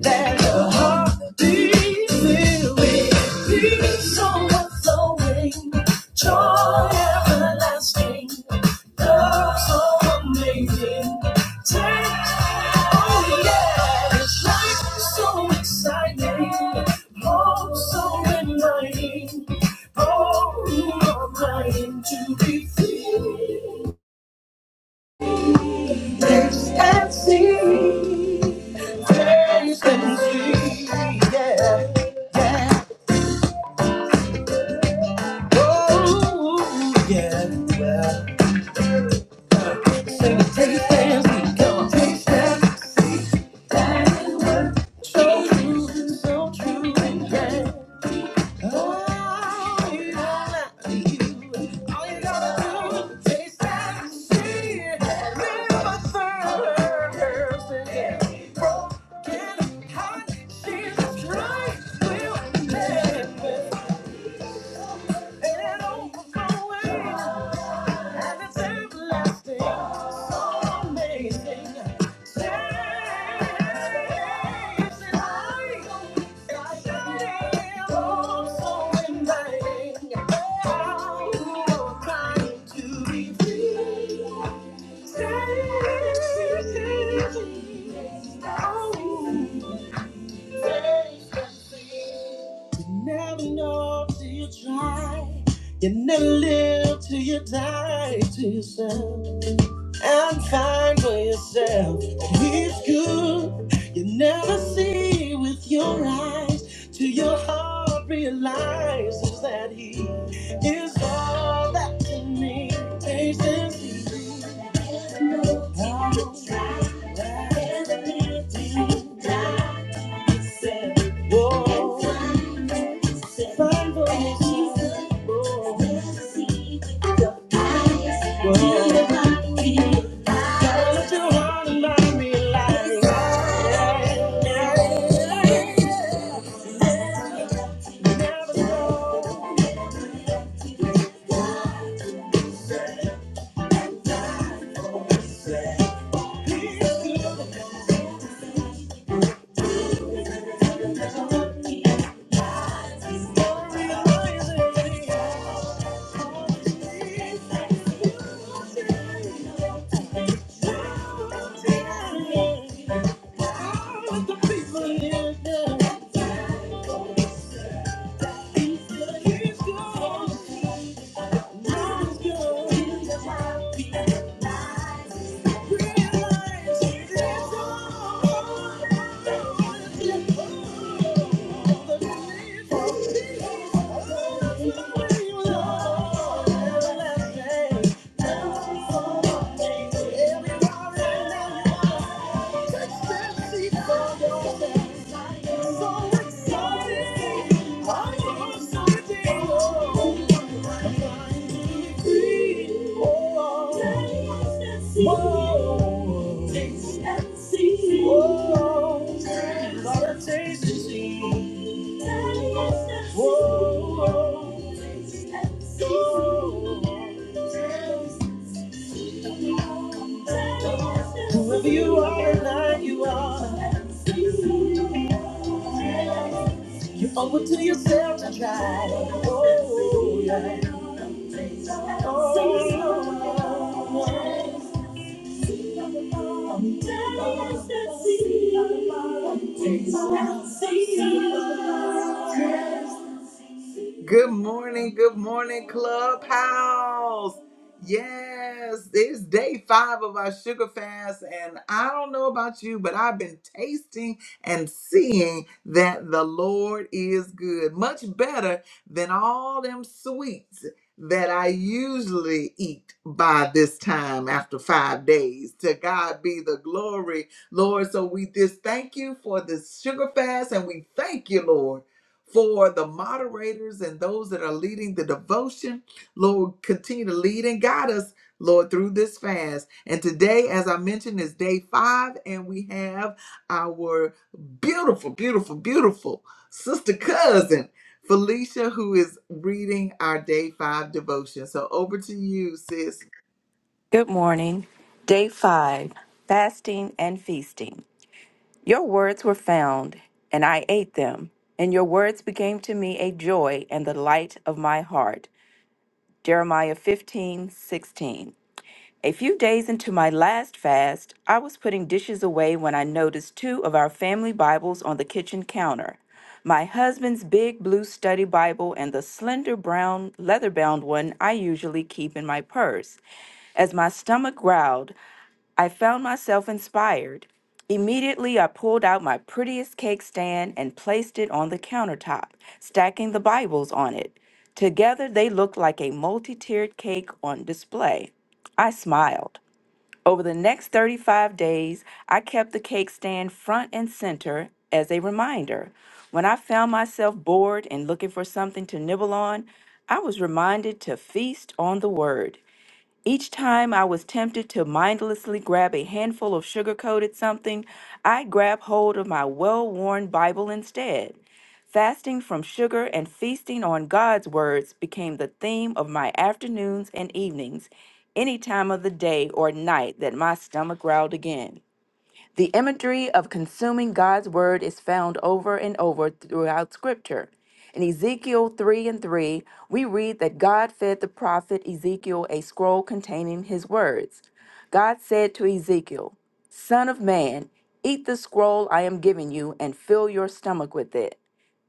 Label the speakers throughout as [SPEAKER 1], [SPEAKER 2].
[SPEAKER 1] There's a heartbeat filled with peace overflowing, joy everlasting, love so amazing. Take, oh yeah, it's life so exciting, hope so inviting, oh you are mine to be free. Taste and see, taste and see, yeah. Oh, yeah, well, say we take a stance, we going take steps. So true, so true, yeah. Oh, you you. All you gotta do, take steps, see it, live a thirst, yeah. Get hot, she's right, we'll let it, and it overflowing. And it's everlasting, so amazing. Saves the life. It's shining, oh, so inviting. Oh, trying to be free. Saves the life. Oh, saves the sea. Never know till you try. You never live till you die to yourself. And find for yourself. that He's good. You never see with your eyes till your heart realizes that he is all that you need. Taste and see. No, no, no the with the people Yeah. He's good. He's good. He's good. He's good. He's good. I So excited. I'm so Oh, Whoever you are and I you are you owe it to yourself to try. Oh, yeah. Oh, yeah. Good morning, good morning, Clubhouse. Yes, it's day five of our sugar fast, and I don't know about you, but I've been tasting and seeing that the Lord is good, much better than all them sweets that I usually eat by this time after five days. To God be the glory, Lord. So we just thank you for this sugar fast, and we thank you, Lord for the moderators and those that are leading the devotion. Lord, continue to lead and guide us, Lord, through this fast. And today, as I mentioned, is day five, and we have our beautiful, beautiful, beautiful sister cousin. Felicia, who is reading our day five devotion. So over to you, sis.
[SPEAKER 2] Good morning. Day five fasting and feasting. Your words were found, and I ate them, and your words became to me a joy and the light of my heart. Jeremiah fifteen sixteen. A few days into my last fast, I was putting dishes away when I noticed two of our family Bibles on the kitchen counter. My husband's big blue study Bible and the slender brown leather bound one I usually keep in my purse. As my stomach growled, I found myself inspired. Immediately, I pulled out my prettiest cake stand and placed it on the countertop, stacking the Bibles on it. Together, they looked like a multi tiered cake on display. I smiled. Over the next 35 days, I kept the cake stand front and center as a reminder. When I found myself bored and looking for something to nibble on, I was reminded to feast on the Word. Each time I was tempted to mindlessly grab a handful of sugar coated something, I grabbed hold of my well worn Bible instead. Fasting from sugar and feasting on God's words became the theme of my afternoons and evenings, any time of the day or night that my stomach growled again. The imagery of consuming God's word is found over and over throughout Scripture. In Ezekiel 3 and 3, we read that God fed the prophet Ezekiel a scroll containing his words. God said to Ezekiel, Son of man, eat the scroll I am giving you and fill your stomach with it.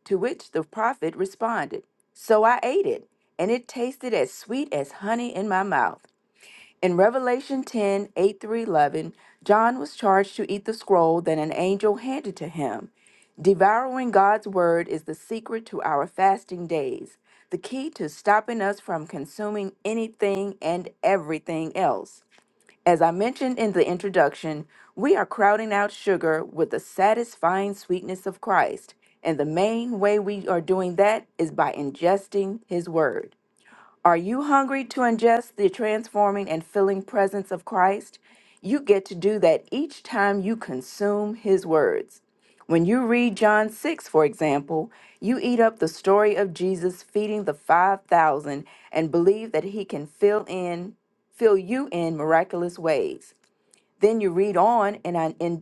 [SPEAKER 2] To which the prophet responded, So I ate it, and it tasted as sweet as honey in my mouth. In Revelation 108 through 11, John was charged to eat the scroll that an angel handed to him. Devouring God's word is the secret to our fasting days, the key to stopping us from consuming anything and everything else. As I mentioned in the introduction, we are crowding out sugar with the satisfying sweetness of Christ, and the main way we are doing that is by ingesting His word. Are you hungry to ingest the transforming and filling presence of Christ? You get to do that each time you consume his words. When you read John 6, for example, you eat up the story of Jesus feeding the 5,000 and believe that he can fill in fill you in miraculous ways. Then you read on and I and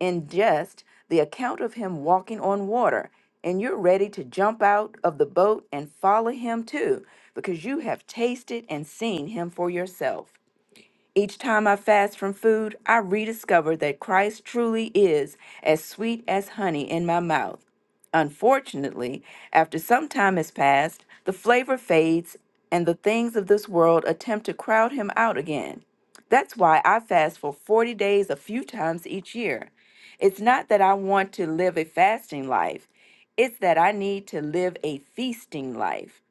[SPEAKER 2] ingest the account of him walking on water, and you're ready to jump out of the boat and follow him too, because you have tasted and seen him for yourself. Each time I fast from food, I rediscover that Christ truly is as sweet as honey in my mouth. Unfortunately, after some time has passed, the flavor fades and the things of this world attempt to crowd him out again. That's why I fast for 40 days a few times each year. It's not that I want to live a fasting life, it's that I need to live a feasting life.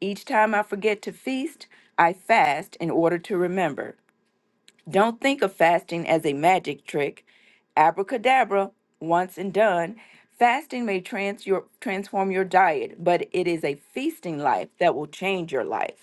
[SPEAKER 2] Each time I forget to feast, I fast in order to remember. Don't think of fasting as a magic trick. Abracadabra, once and done. Fasting may trans your, transform your diet, but it is a feasting life that will change your life.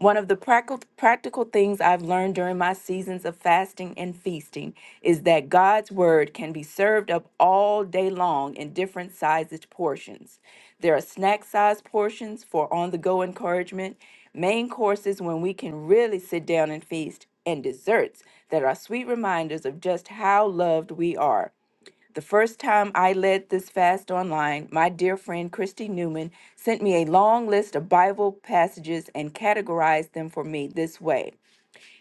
[SPEAKER 2] One of the practical practical things I've learned during my seasons of fasting and feasting is that God's word can be served up all day long in different sized portions. There are snack sized portions for on the go encouragement, main courses when we can really sit down and feast, and desserts that are sweet reminders of just how loved we are. The first time I led this fast online, my dear friend Christy Newman sent me a long list of Bible passages and categorized them for me this way.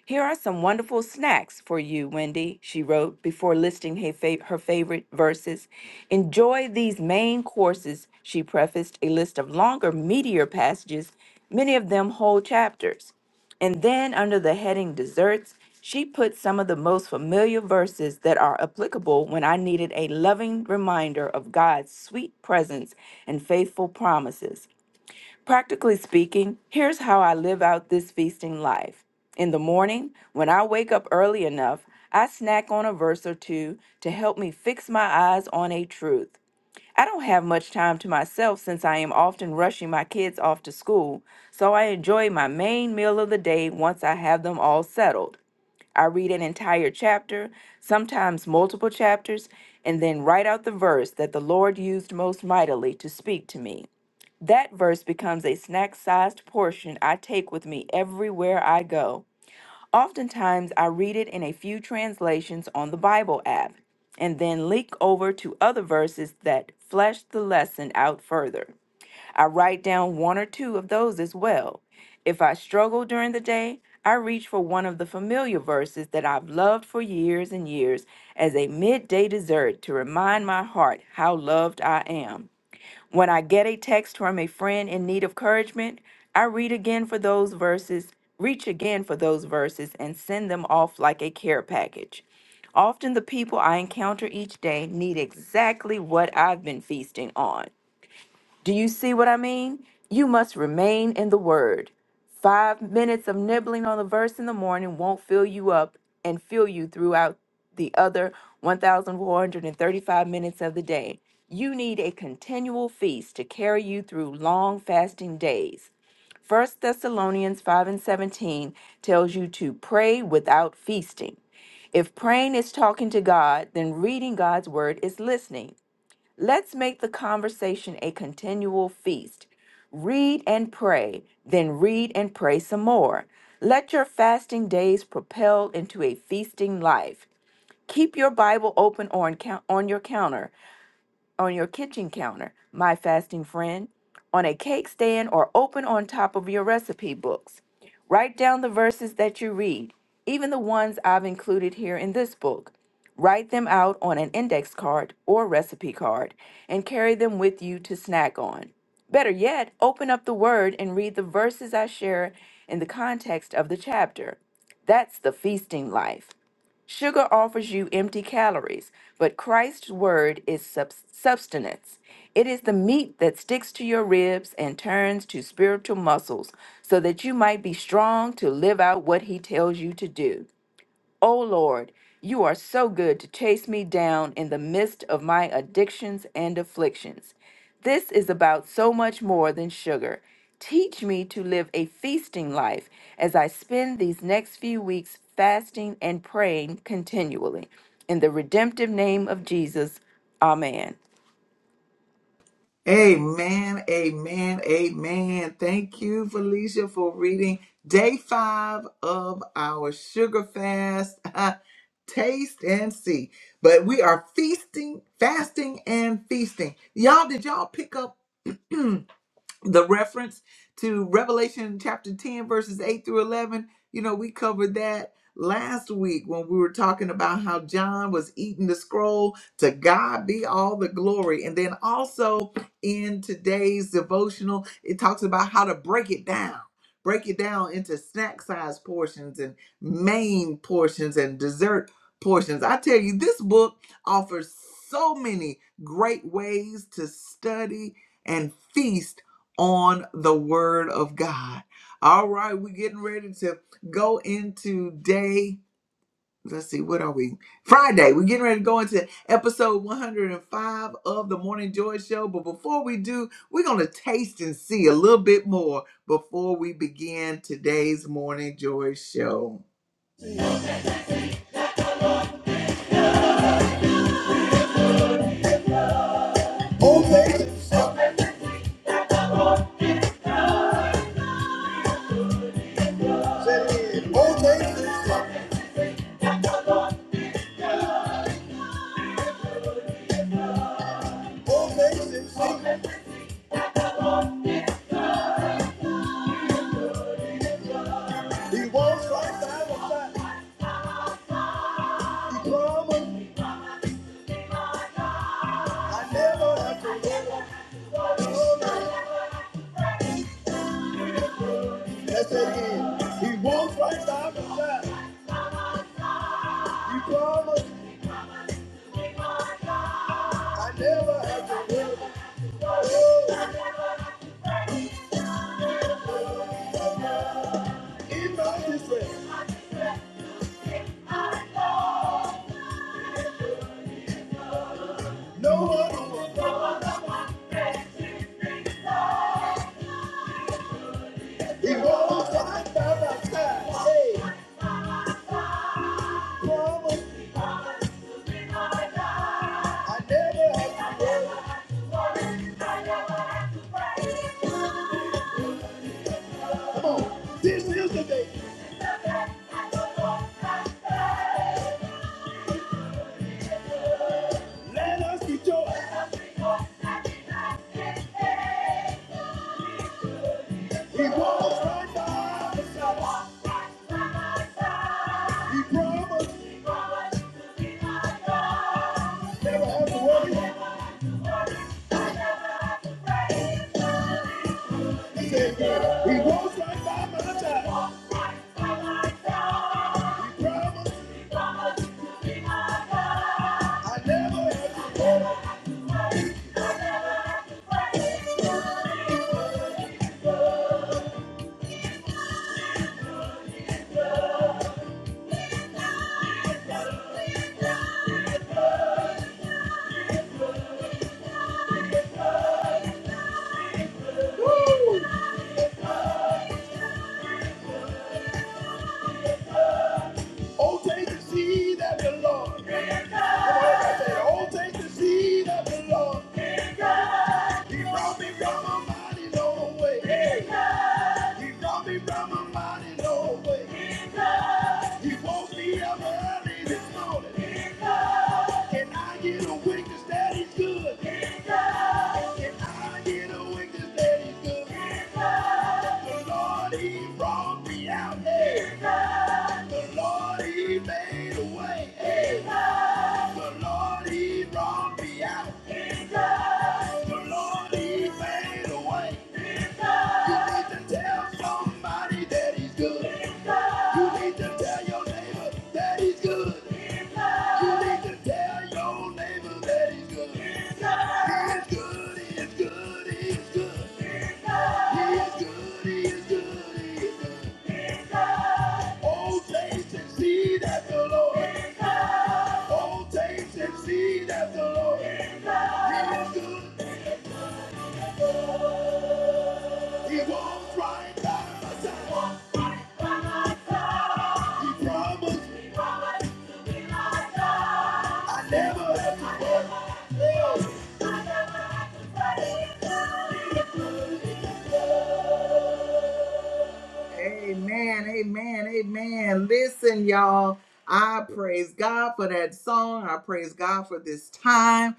[SPEAKER 2] Here are some wonderful snacks for you, Wendy, she wrote before listing her, fa- her favorite verses. Enjoy these main courses, she prefaced a list of longer, meatier passages, many of them whole chapters. And then, under the heading Desserts, she put some of the most familiar verses that are applicable when I needed a loving reminder of God's sweet presence and faithful promises. Practically speaking, here's how I live out this feasting life. In the morning, when I wake up early enough, I snack on a verse or two to help me fix my eyes on a truth. I don't have much time to myself since I am often rushing my kids off to school, so I enjoy my main meal of the day once I have them all settled. I read an entire chapter, sometimes multiple chapters, and then write out the verse that the Lord used most mightily to speak to me. That verse becomes a snack sized portion I take with me everywhere I go. Oftentimes, I read it in a few translations on the Bible app and then leak over to other verses that flesh the lesson out further. I write down one or two of those as well. If I struggle during the day, I reach for one of the familiar verses that I've loved for years and years as a midday dessert to remind my heart how loved I am. When I get a text from a friend in need of encouragement, I read again for those verses, reach again for those verses, and send them off like a care package. Often the people I encounter each day need exactly what I've been feasting on. Do you see what I mean? You must remain in the word. Five minutes of nibbling on the verse in the morning won't fill you up and fill you throughout the other 1,435 minutes of the day. You need a continual feast to carry you through long fasting days. First Thessalonians 5 and 17 tells you to pray without feasting. If praying is talking to God, then reading God's word is listening. Let's make the conversation a continual feast. Read and pray, then read and pray some more. Let your fasting days propel into a feasting life. Keep your Bible open on, count- on your counter on your kitchen counter, my fasting friend, on a cake stand, or open on top of your recipe books. Write down the verses that you read, even the ones I've included here in this book. Write them out on an index card or recipe card and carry them with you to snack on. Better yet, open up the Word and read the verses I share in the context of the chapter. That's the feasting life. Sugar offers you empty calories, but Christ's word is sub- substance. It is the meat that sticks to your ribs and turns to spiritual muscles so that you might be strong to live out what he tells you to do. O Lord, you are so good to chase me down in the midst of my addictions and afflictions. This is about so much more than sugar. Teach me to live a feasting life as I spend these next few weeks fasting and praying continually. In the redemptive name of Jesus, Amen.
[SPEAKER 1] Amen, amen, amen. Thank you, Felicia, for reading day five of our sugar fast. Taste and see. But we are feasting, fasting, and feasting. Y'all, did y'all pick up? the reference to Revelation chapter 10, verses 8 through 11, you know, we covered that last week when we were talking about how John was eating the scroll. To God be all the glory. And then also in today's devotional, it talks about how to break it down. Break it down into snack size portions and main portions and dessert portions. I tell you, this book offers so many great ways to study and feast on the word of God. All right, we're getting ready to go into day. Let's see, what are we? Friday. We're getting ready to go into episode 105 of the Morning Joy Show. But before we do, we're going to taste and see a little bit more before we begin today's Morning Joy Show. Said he always is right, always is right. He walks right by my side. He promised I never have to worry. Yes, I did. He walks right down the side. He promised I never have to in my distress. No one will. He walks right down the side. Hey, promise I never have to. Come on. This is the day. Let us rejoice. He walks right down the side. He promised never have to worry. He said, yeah. He walks right by my side. He promised I never have to. Oh, taste and see that the Lord. "Oh, take the seed of the Lord. He brought me from a mighty long way. He brought me from a mighty long way. He woke me up early this morning. Can I get a witness that he's good? Can I get a witness that he's good? The Lord, he brought me out. Hey. The Lord, he made a way. Hey. The Lord, he brought me out. The Lord, he made a way. You need to tell somebody that he's good. You need to tell your neighbor that he's good. You need to tell your neighbor that he's good. He is good, he is good, he is good. He is good, he is good, he is good. Oh, taste and see that the Lord. Oh, taste and see that the Lord. He is good. He walks right by my side. He promised I never have to worry. Amen, amen, amen. Listen, y'all, I praise God for that song. I praise God for this time.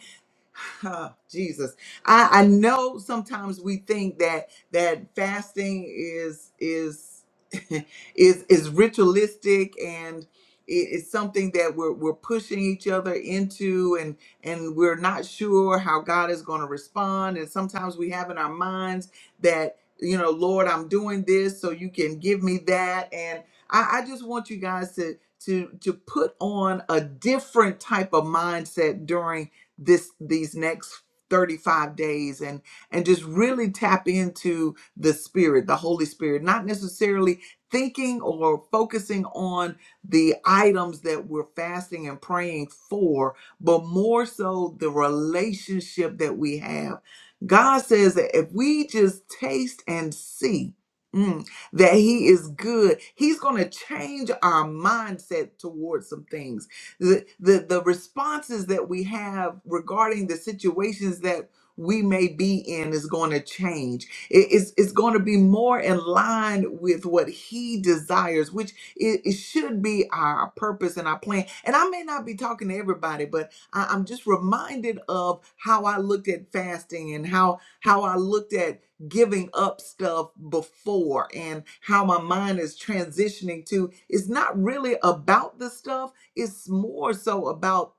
[SPEAKER 1] Oh, Jesus. I, I know sometimes we think that that fasting is is is is ritualistic and it- it's something that we're we're pushing each other into and and we're not sure how God is going to respond and sometimes we have in our minds that you know Lord I'm doing this so you can give me that and I, I just want you guys to to to put on a different type of mindset during this these next 35 days and and just really tap into the spirit the holy spirit not necessarily thinking or focusing on the items that we're fasting and praying for but more so the relationship that we have god says that if we just taste and see mm, that he is good he's going to change our mindset towards some things the, the the responses that we have regarding the situations that we may be in is going to change. It- it's it's going to be more in line with what He desires, which it, it should be our purpose and our plan. And I may not be talking to everybody, but I, I'm just reminded of how I looked at fasting and how how I looked at giving up stuff before and how my mind is transitioning to it's not really about the stuff it's more so about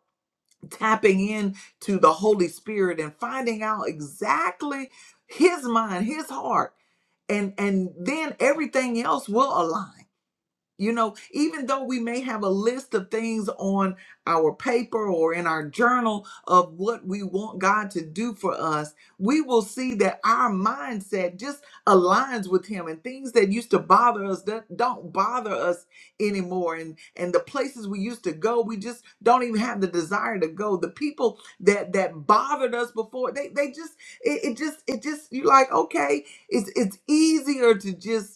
[SPEAKER 1] tapping in to the holy spirit and finding out exactly his mind his heart and and then everything else will align you know, even though we may have a list of things on our paper or in our journal of what we want God to do for us, we will see that our mindset just aligns with Him and things that used to bother us that don't bother us anymore. And and the places we used to go, we just don't even have the desire to go. The people that that bothered us before, they they just it, it just it just you like okay, it's it's easier to just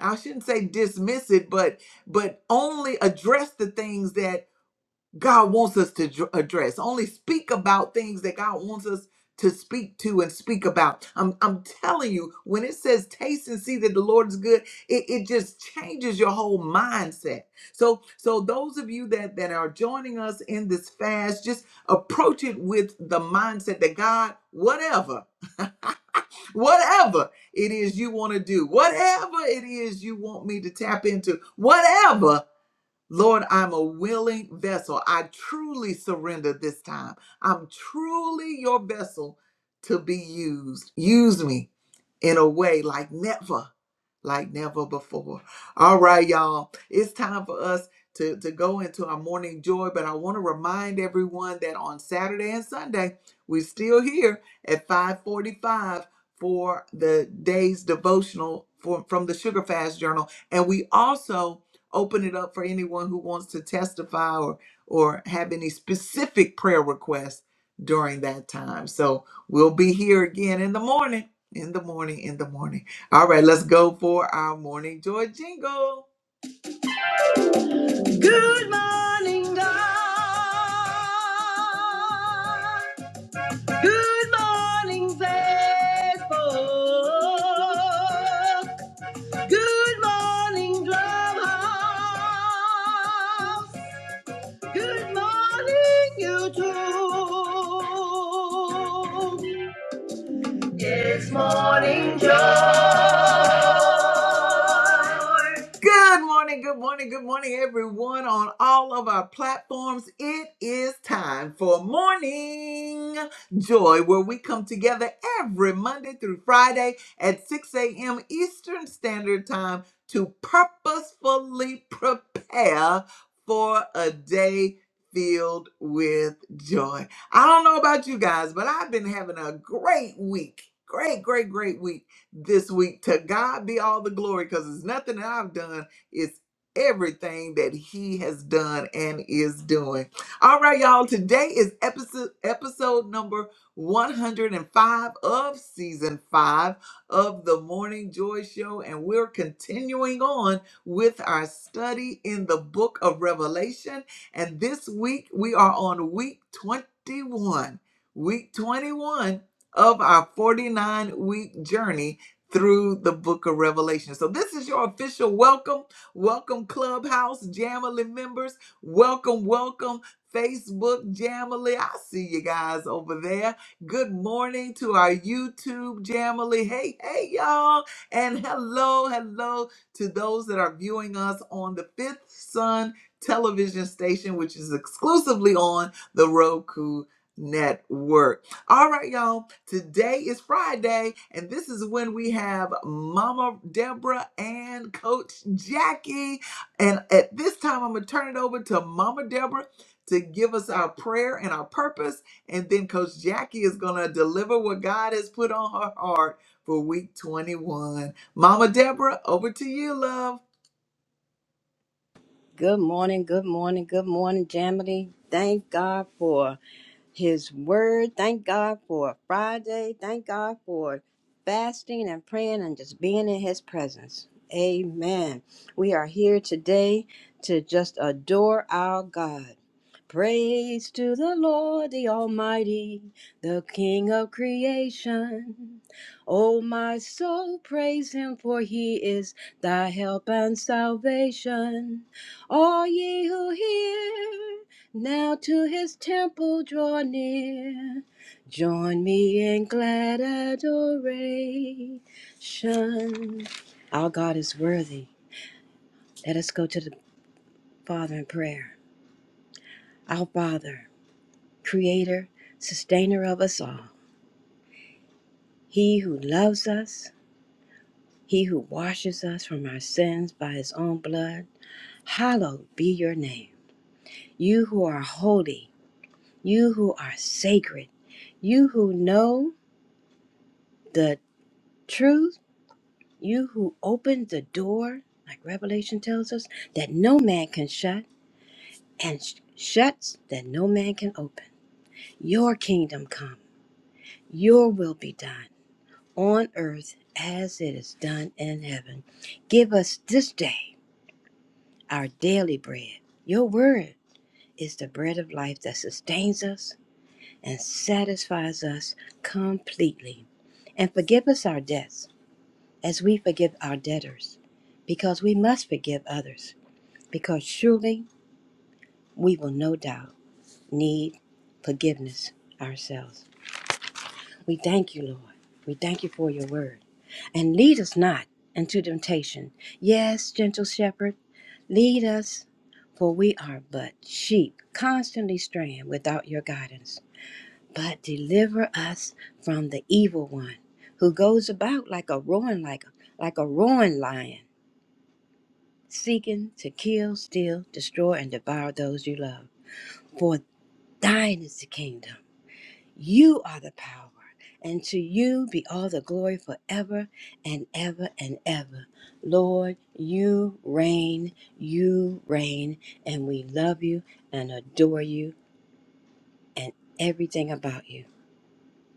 [SPEAKER 1] I shouldn't say dismiss it, but but only address the things that God wants us to dr- address. Only speak about things that God wants us to speak to and speak about. I'm I'm telling you, when it says taste and see that the Lord is good, it, it just changes your whole mindset. So so those of you that that are joining us in this fast, just approach it with the mindset that God, whatever whatever it is you want to do, whatever it is you want me to tap into, whatever, Lord, I'm a willing vessel. I truly surrender this time. I'm truly your vessel to be used. Use me in a way like never, like never before. All right, y'all. It's time for us to, to go into our morning joy, but I want to remind everyone that on Saturday and Sunday, we're still here at 545 for the day's devotional for, from the Sugar Fast Journal. And we also open it up for anyone who wants to testify or, or have any specific prayer requests during that time. So we'll be here again in the morning in the morning, in the morning. All right, let's go for our morning joy jingle. Good morning, God. Good morning, Facebook. Good morning, clubhouse. Good morning, YouTube. It's morning joy. Good morning, good morning, good morning, everyone on all of our platforms. It is time for Morning Joy, where we come together every Monday through Friday at 6 a.m. Eastern Standard Time to purposefully prepare for a day filled with joy. I don't know about you guys, but I've been having a great week. Great, great, great week this week. To God be all the glory because it's nothing that I've done, it's everything that He has done and is doing. All right, y'all, today is episode, episode number 105 of season five of the Morning Joy Show, and we're continuing on with our study in the book of Revelation. And this week we are on week 21. Week 21 of our 49 week journey through the book of Revelation. So, this is your official welcome. Welcome, Clubhouse Jamily members. Welcome, welcome, Facebook Jamily. I see you guys over there. Good morning to our YouTube Jamily. Hey, hey, y'all. And hello, hello to those that are viewing us on the Fifth Sun television station, which is exclusively on the Roku network. All right, y'all Today is Friday, and this is when we have Mama Deborah and Coach Jackie. And at this time, I'm going to turn it over to Mama Deborah to give us our prayer and our purpose. And then Coach Jackie is going to deliver what God has put on her heart for week 21. Mama Deborah, over to you, love.
[SPEAKER 3] Good morning, good morning, good morning, Jamily. Thank God for his word. Thank God for Friday. Thank God for fasting and praying and just being in His presence. Amen. We are here today to just adore our God. Praise to the Lord, the Almighty, the King of creation. O my soul, praise Him, for He is thy help and salvation. All ye who hear, now to his temple draw near. Join me in glad adoration. Our God is worthy. Let us go to the Father in prayer. Our Father, Creator, Sustainer of us all, He who loves us, He who washes us from our sins by His own blood, hallowed be your name. You who are holy, you who are sacred, you who know the truth You who opened the door, like Revelation tells us, that no man can shut, and sh- shuts that no man can open. Your kingdom come, your will be done on earth as it is done in heaven. Give us this day our daily bread. Your word is the bread of life that sustains us and satisfies us completely. And forgive us our debts as we forgive our debtors, because we must forgive others because surely we will no doubt need forgiveness ourselves. We thank you, Lord. We thank you for your word. And lead us not into temptation. Yes, gentle shepherd, lead us, for we are but sheep, constantly straying without your guidance. But deliver us from the evil one who goes about like a roaring like like a roaring lion, seeking to kill, steal, destroy, and devour those you love. For Thine is the kingdom. You are the power. And to you be all the glory forever and ever and ever. Lord, you reign, you reign, and we love you and adore you and everything about you.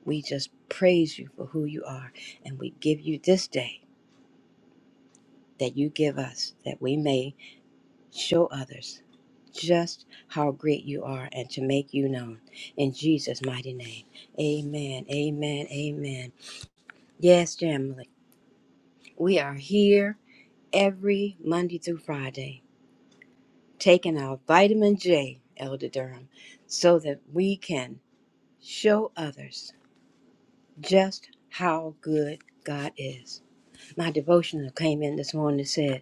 [SPEAKER 3] We just praise you for who you are, and we give you this day that you give us that we may Show others just how great you are and to make you known. In Jesus' mighty name. Amen. Amen. Amen. Yes, family. We are here every Monday through Friday taking our vitamin J, Elder Durham, so that we can show others just how good God is. My devotional came in this morning and said,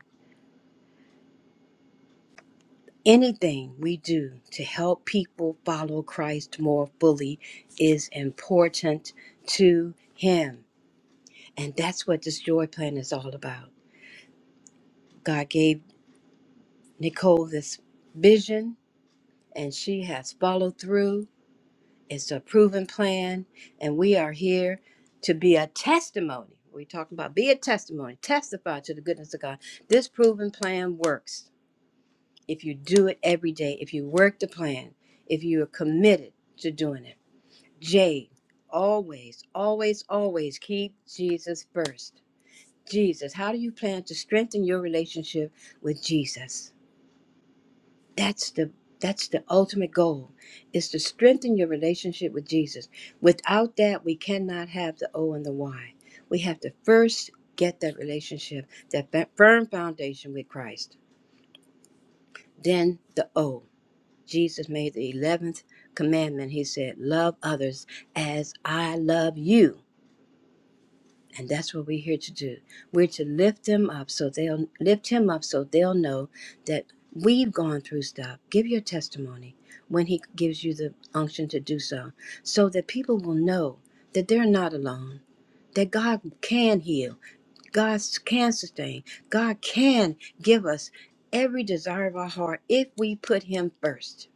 [SPEAKER 3] Anything we do to help people follow Christ more fully is important to Him. And that's what this joy plan is all about. God gave Nicole this vision, and she has followed through. It's a proven plan, and we are here to be a testimony. We're talking about be a testimony, testify to the goodness of God. This proven plan works if you do it every day, if you work the plan, if you are committed to doing it. J, always, always, always keep Jesus first. Jesus, how do you plan to strengthen your relationship with Jesus? That's the that's the ultimate goal is to strengthen your relationship with Jesus. Without that, we cannot have the O and the Y. We have to first get that relationship, that fa- firm foundation with Christ. Then the O. Jesus made the 11th commandment. He said, Love others as I love you. And that's what we're here to do. We're to lift them up so they'll lift him up so they'll know that we've gone through stuff. Give your testimony when he gives you the unction to do so, so that people will know that they're not alone, that God can heal, God can sustain, God can give us every desire of our heart if we put him first.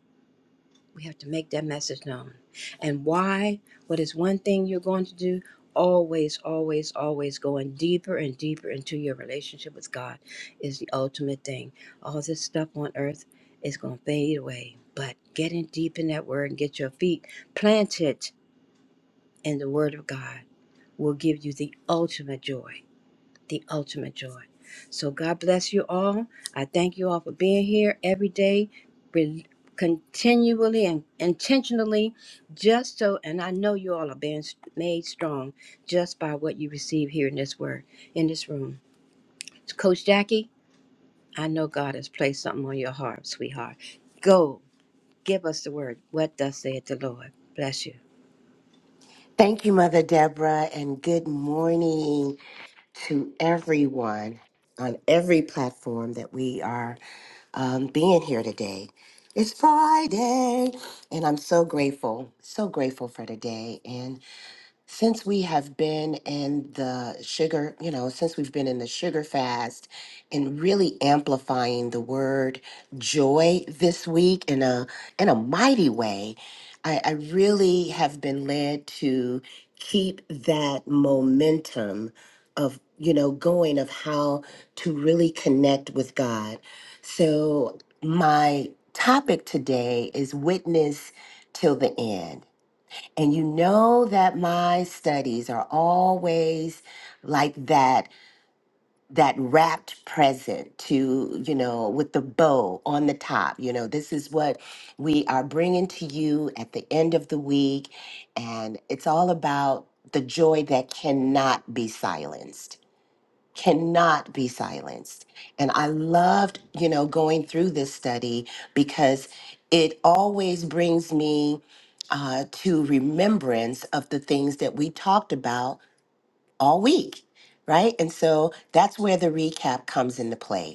[SPEAKER 3] We have to make that message known. And why? What is one thing you're going to do? Always, always, always going deeper and deeper into your relationship with God is the ultimate thing. All this stuff on earth is going to fade away. But getting deep in that word and get your feet planted in the word of God will give you the ultimate joy the ultimate joy. So God bless you all. I thank you all for being here every day, re- continually and intentionally, just so. And I know you all are being s- made strong just by what you receive here in this word, in this room. Coach Jackie, I know God has placed something on your heart, sweetheart. Go give us the word. What thus saith the Lord? Bless you.
[SPEAKER 4] Thank you, Mother Deborah, and good morning to everyone on every platform that we are um, being here today. It's Friday, and I'm so grateful, so grateful for today since we have been in the sugar, you know, since we've been in the sugar fast and really amplifying the word joy this week in a in a mighty way, I, I really have been led to keep that momentum of you know going of how to really connect with God. So my topic today is witness till the end. And you know that my studies are always like that that wrapped present to, you know, with the bow on the top. You know, this is what we are bringing to you at the end of the week and it's all about the joy that cannot be silenced cannot be silenced. And I loved, you know, going through this study because it always brings me uh, to remembrance of the things that we talked about all week, right? And so that's where the recap comes into play.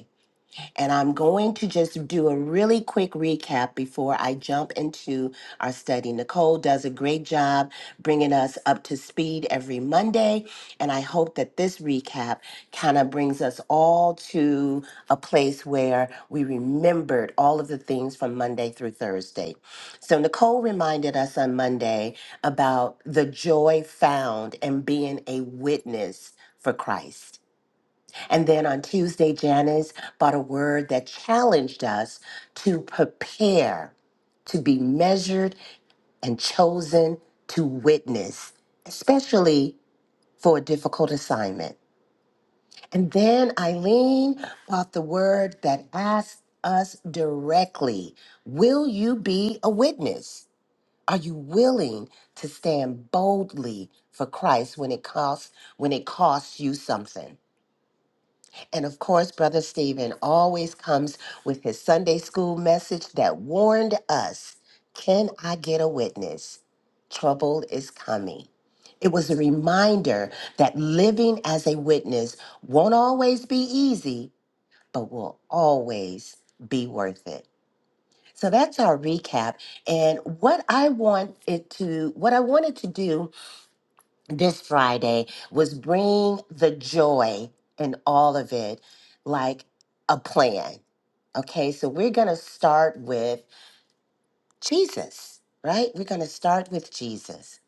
[SPEAKER 4] And I'm going to just do a really quick recap before I jump into our study. Nicole does a great job bringing us up to speed every Monday. And I hope that this recap kind of brings us all to a place where we remembered all of the things from Monday through Thursday. So, Nicole reminded us on Monday about the joy found in being a witness for Christ. And then on Tuesday, Janice brought a word that challenged us to prepare to be measured and chosen to witness, especially for a difficult assignment. And then Eileen brought the word that asked us directly Will you be a witness? Are you willing to stand boldly for Christ when it costs when it costs you something? And of course, Brother Stephen always comes with his Sunday school message that warned us Can I get a witness? Trouble is coming. It was a reminder that living as a witness won't always be easy, but will always be worth it. So that's our recap. And what I want it to, what I wanted to do this Friday was bring the joy in all of it like a plan. Okay, so we're going to start with Jesus, right? We're going to start with Jesus.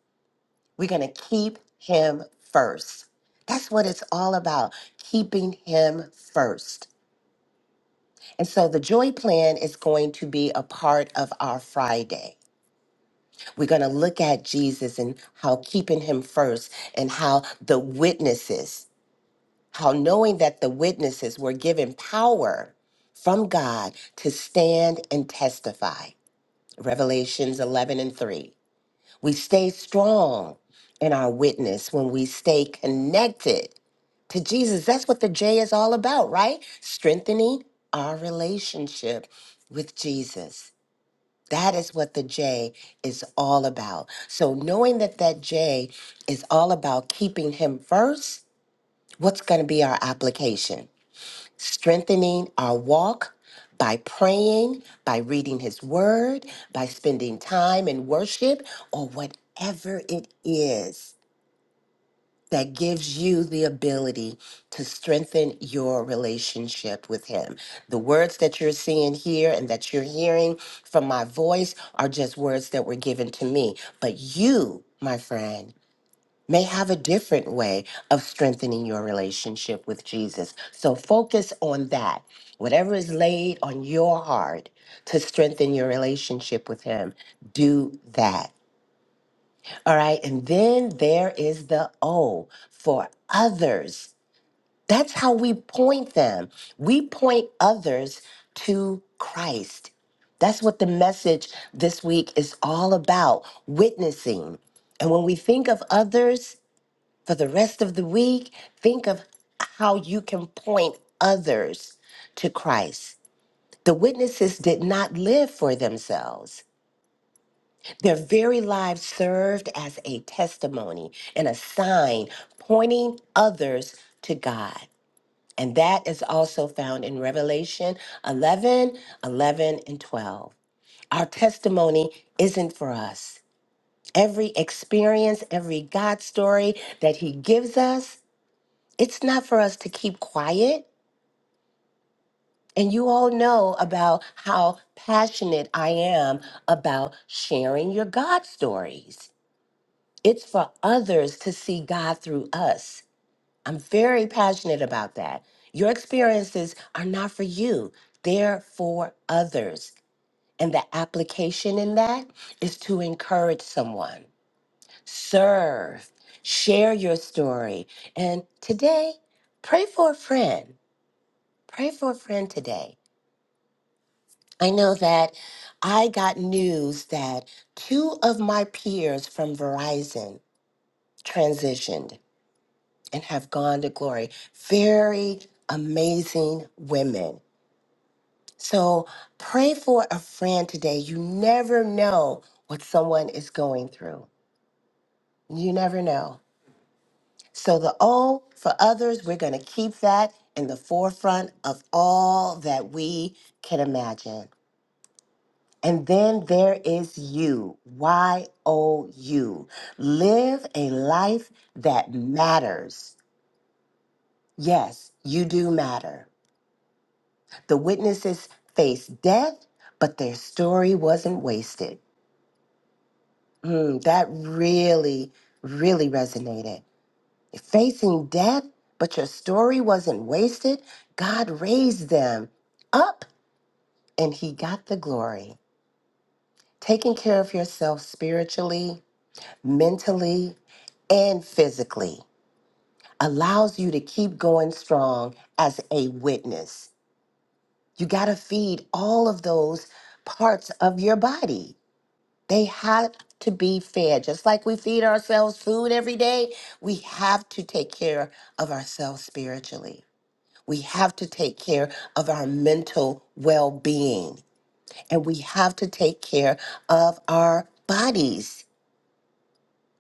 [SPEAKER 4] We're going to keep him first. That's what it's all about, keeping him first. And so the joy plan is going to be a part of our Friday. We're going to look at Jesus and how keeping him first and how the witnesses how knowing that the witnesses were given power from God to stand and testify. Revelations 11 and 3. We stay strong in our witness when we stay connected to Jesus. That's what the J is all about, right? Strengthening our relationship with Jesus. That is what the J is all about. So knowing that that J is all about keeping him first, what's going to be our application? strengthening our walk by praying, by reading His Word, by spending time in worship, or whatever it is that gives you the ability to strengthen your relationship with Him. The words that you're seeing here and that you're hearing from my voice are just words that were given to me, but you, my friend, may have a different way of strengthening your relationship with Jesus. So focus on that. Whatever is laid on your heart to strengthen your relationship with Him, do that. All right. And then there is the O for others. That's how we point them. We point others to Christ. That's what the message this week is all about witnessing. And when we think of others, for the rest of the week, think of how you can point others to Christ. The witnesses did not live for themselves. Their very lives served as a testimony and a sign pointing others to God. And that is also found in Revelation 11, 11, and 12. Our testimony isn't for us. Every experience, every God story that He gives us it's not for us to keep quiet. And you all know about how passionate I am about sharing your God stories. It's for others to see God through us. I'm very passionate about that. Your experiences are not for you, they're for others. And the application in that is to encourage someone, serve, share your story. And today, pray for a friend Pray for a friend today. I know that I got news that two of my peers from Verizon transitioned and have gone to glory. Very amazing women. So pray for a friend today. You never know what someone is going through. You never know. So the O for others, we're going to keep that in the forefront of all that we can imagine. And then there is you, Y O U. Live a life that matters. Yes, you do matter. The witnesses faced death, but their story wasn't wasted. Mm, that really, really resonated. Facing death, but your story wasn't wasted. God raised them up and He got the glory. Taking care of yourself spiritually, mentally, and physically allows you to keep going strong as a witness. You got to feed all of those parts of your body. They have to be fed. Just like we feed ourselves food every day, we have to take care of ourselves spiritually. We have to take care of our mental well being, and we have to take care of our bodies.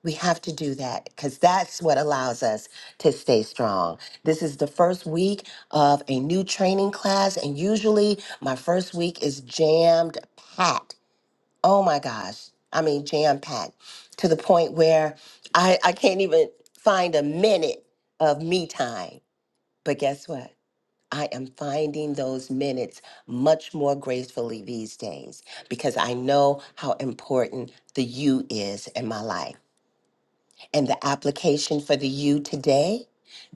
[SPEAKER 4] We have to do that because that's what allows us to stay strong. This is the first week of a new training class, and usually my first week is jammed packed. Oh my gosh. I mean, jam packed to the point where I, I can't even find a minute of me time. But guess what? I am finding those minutes much more gracefully these days because I know how important the you is in my life and the application for the you today.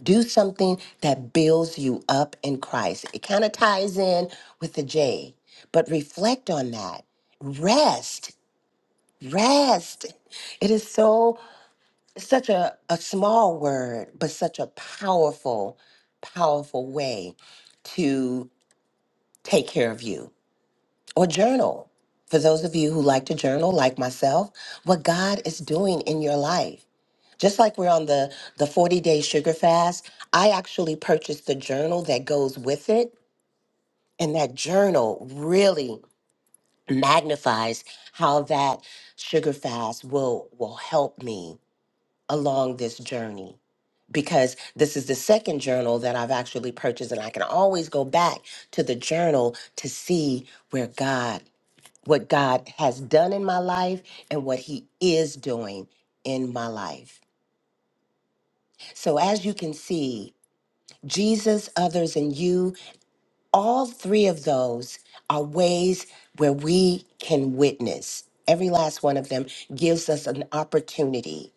[SPEAKER 4] Do something that builds you up in Christ. It kind of ties in with the J, but reflect on that. Rest, rest. It is so, such a, a small word, but such a powerful, powerful way to take care of you or journal. For those of you who like to journal, like myself, what God is doing in your life just like we're on the the 40 day sugar fast i actually purchased the journal that goes with it and that journal really magnifies how that sugar fast will will help me along this journey because this is the second journal that I've actually purchased and I can always go back to the journal to see where God what God has done in my life and what he is doing in my life. So as you can see Jesus, others, and you, all three of those are ways where we can witness. Every last one of them gives us an opportunity.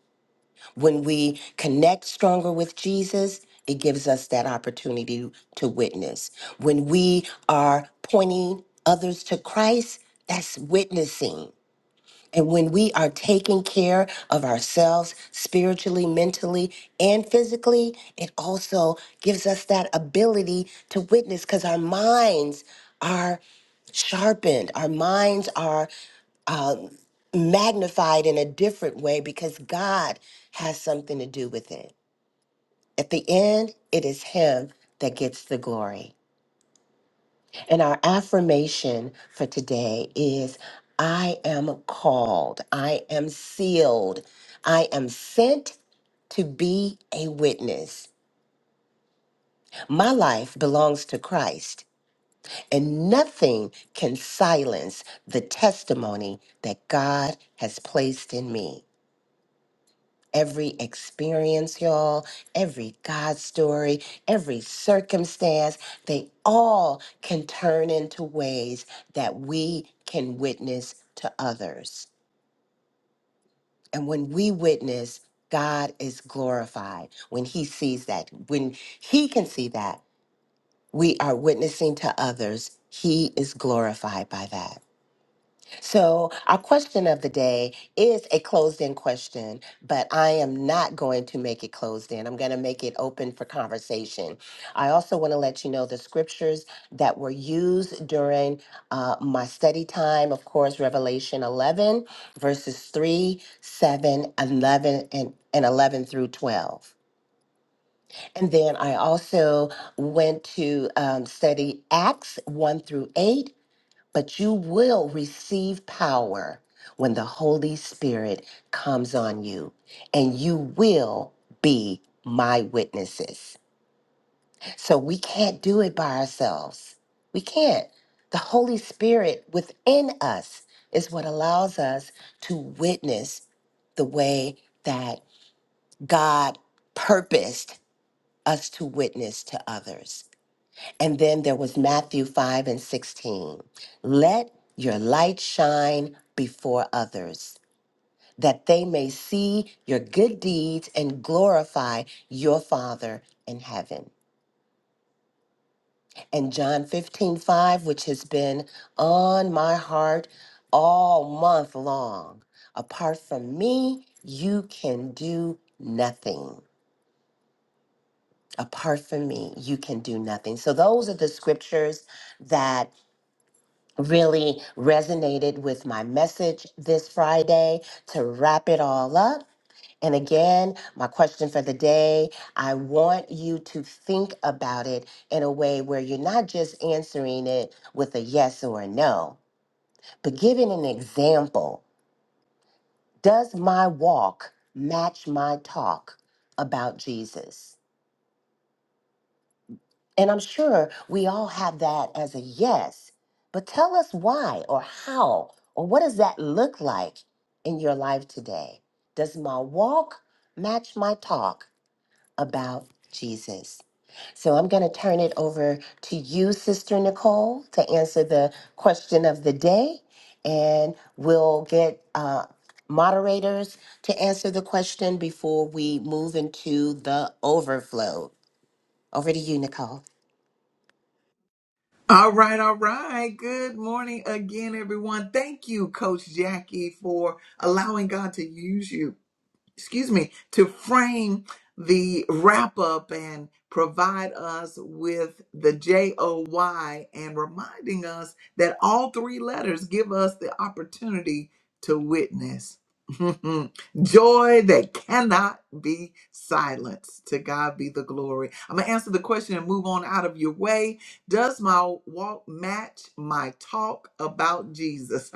[SPEAKER 4] When we connect stronger with Jesus, it gives us that opportunity to witness. When we are pointing others to Christ, that's witnessing. And when we are taking care of ourselves spiritually, mentally, and physically, it also gives us that ability to witness because our minds are sharpened, our minds are um, magnified in a different way because God has something to do with it. At the end, it is Him that gets the glory. And our affirmation for today is I am called, I am sealed, I am sent to be a witness. My life belongs to Christ, and nothing can silence the testimony that God has placed in me. every experience, y'all, every God story, every circumstance, they all can turn into ways that we can witness to others. And when we witness, God is glorified. When He sees that, when He can see that, we are witnessing to others, He is glorified by that. So, our question of the day is a closed in question, but I am not going to make it closed in. I'm going to make it open for conversation. I also want to let you know the scriptures that were used during uh, my study time. Of course, Revelation 11, verses 3, 7, 11, and, and 11 through 12. And then I also went to um, study Acts 1 through 8 but you will receive power when the Holy Spirit comes on you, and you will be my witnesses. So we can't do it by ourselves. We can't. The Holy Spirit within us is what allows us to witness the way that God purposed us to witness to others. And then there was Matthew 5 and 16. Let your light shine before others, that they may see your good deeds and glorify your Father in heaven. And John 15 5, which has been on my heart all month long. Apart from me, you can do nothing. Apart from me, you can do nothing. So, those are the scriptures that really resonated with my message this Friday to wrap it all up. And again, my question for the day I want you to think about it in a way where you're not just answering it with a yes or a no, but giving an example. Does my walk match my talk about Jesus? And I'm sure we all have that as a yes, but tell us why or how or what does that look like in your life today? Does my walk match my talk about Jesus? So I'm going to turn it over to you, Sister Nicole, to answer the question of the day. And we'll get uh, moderators to answer the question before we move into the overflow. Over to you, Nicole.
[SPEAKER 1] All right, all right. Good morning again, everyone. Thank you, Coach Jackie, for allowing God to use you. excuse me, to frame the wrap up and provide us with the J O Y and reminding us that all three letters give us the opportunity to witness. Joy that cannot be silenced. To God be the glory. I'm going to answer the question and move on out of your way. Does my walk match my talk about Jesus?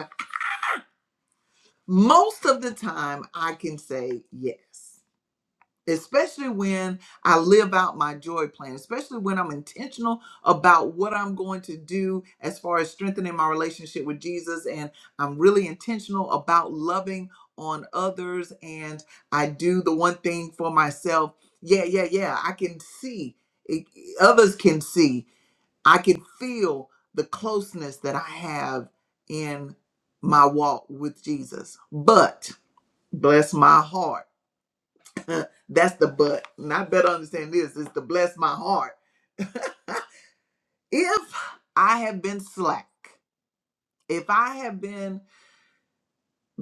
[SPEAKER 1] Most of the time, I can say yes especially when I live out my joy plan, especially when I'm intentional about what I'm going to do as far as strengthening my relationship with Jesus. And I'm really intentional about loving on others. And I do the one thing for myself. Yeah, yeah, yeah. I can see, it, others can see, I can feel the closeness that I have in my walk with Jesus. But bless my heart. That's the but. And I better understand this is to bless my heart. If I have been slack, if I have been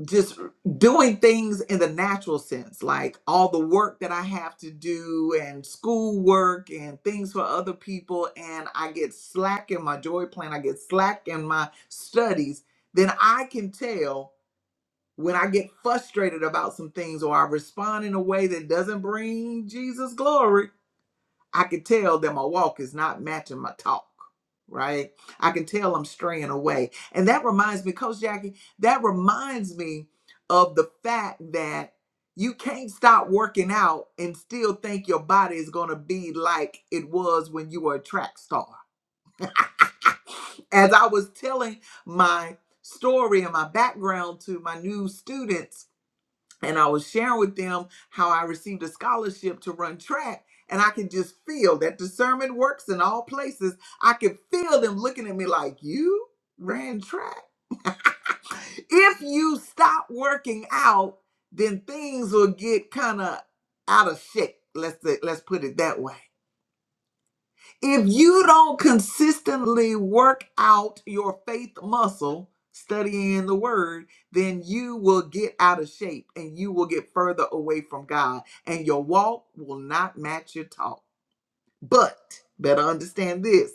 [SPEAKER 1] just doing things in the natural sense, like all the work that I have to do and schoolwork and things for other people, and I get slack in my joy plan, I get slack in my studies, then I can tell when I get frustrated about some things or I respond in a way that doesn't bring Jesus glory I can tell that my walk is not matching my talk, right? I can tell I'm straying away. And that reminds me, Coach Jackie, that reminds me of the fact that you can't stop working out and still think your body is going to be like it was when you were a track star. As I was telling my story and my background to my new students, and I was sharing with them how I received a scholarship to run track. And I could just feel that discernment works in all places. I could feel them looking at me like, You ran track? If you stop working out, then things will get kind of out of shape. Let's, let's put it that way. If you don't consistently work out your faith muscle, studying the word, then you will get out of shape and you will get further away from God, and your walk will not match your talk. But better understand this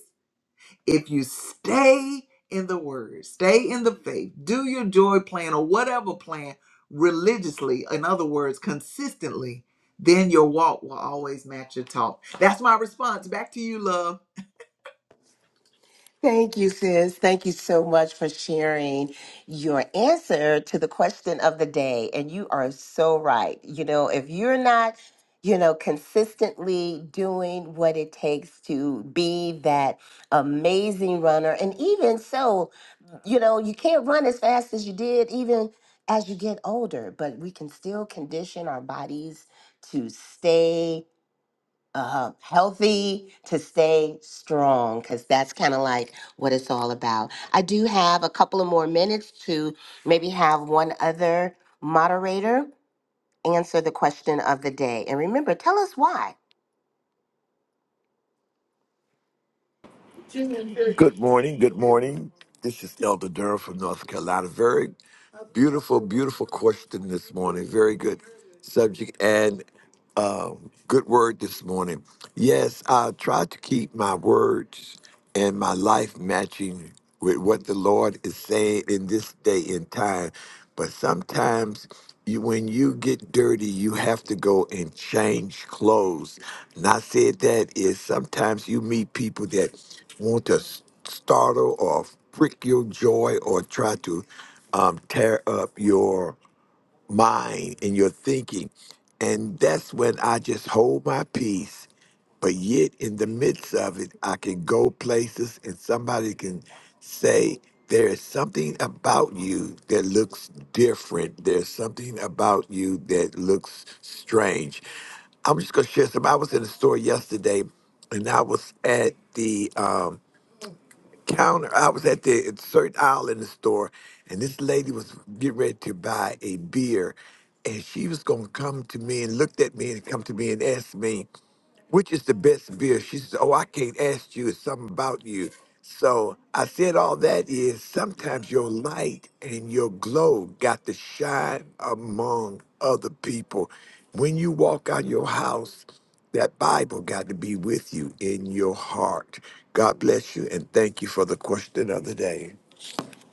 [SPEAKER 1] if you stay in the word, stay in the faith, do your joy plan or whatever plan religiously, in other words, consistently, then your walk will always match your talk. That's my response. Back to you, love.
[SPEAKER 4] Thank you, sis. Thank you so much for sharing your answer to the question of the day. And you are so right. You know, if you're not, you know, consistently doing what it takes to be that amazing runner, and even so, you know, you can't run as fast as you did even as you get older, but we can still condition our bodies to stay uh, healthy to stay strong because that's kind of like what it's all about. I do have a couple of more minutes to maybe have one other moderator answer the question of the day. And remember, tell us why.
[SPEAKER 5] Good morning. Good morning. This is Elder Durham from North Carolina. Very beautiful, beautiful question this morning. Very good subject and um, good word this morning. Yes, I try to keep my words and my life matching with what the Lord is saying in this day and time. But sometimes you, when you get dirty, you have to go and change clothes. And I said that is sometimes you meet people that want to s- startle or prick your joy or try to um, tear up your mind and your thinking. And that's when I just hold my peace. But yet, in the midst of it, I can go places and somebody can say, There is something about you that looks different. There's something about you that looks strange. I'm just going to share some. I was in a store yesterday and I was at the um, counter. I was at the certain aisle in the store, and this lady was getting ready to buy a beer, and she was gonna come to me and looked at me and come to me and ask me which is the best beer? She says, Oh, I can't ask you. It's something about you. So I said, All that is sometimes your light and your glow got to shine among other people. When you walk out your house, that Bible got to be with you in your heart. God bless you and thank you for the question of the day.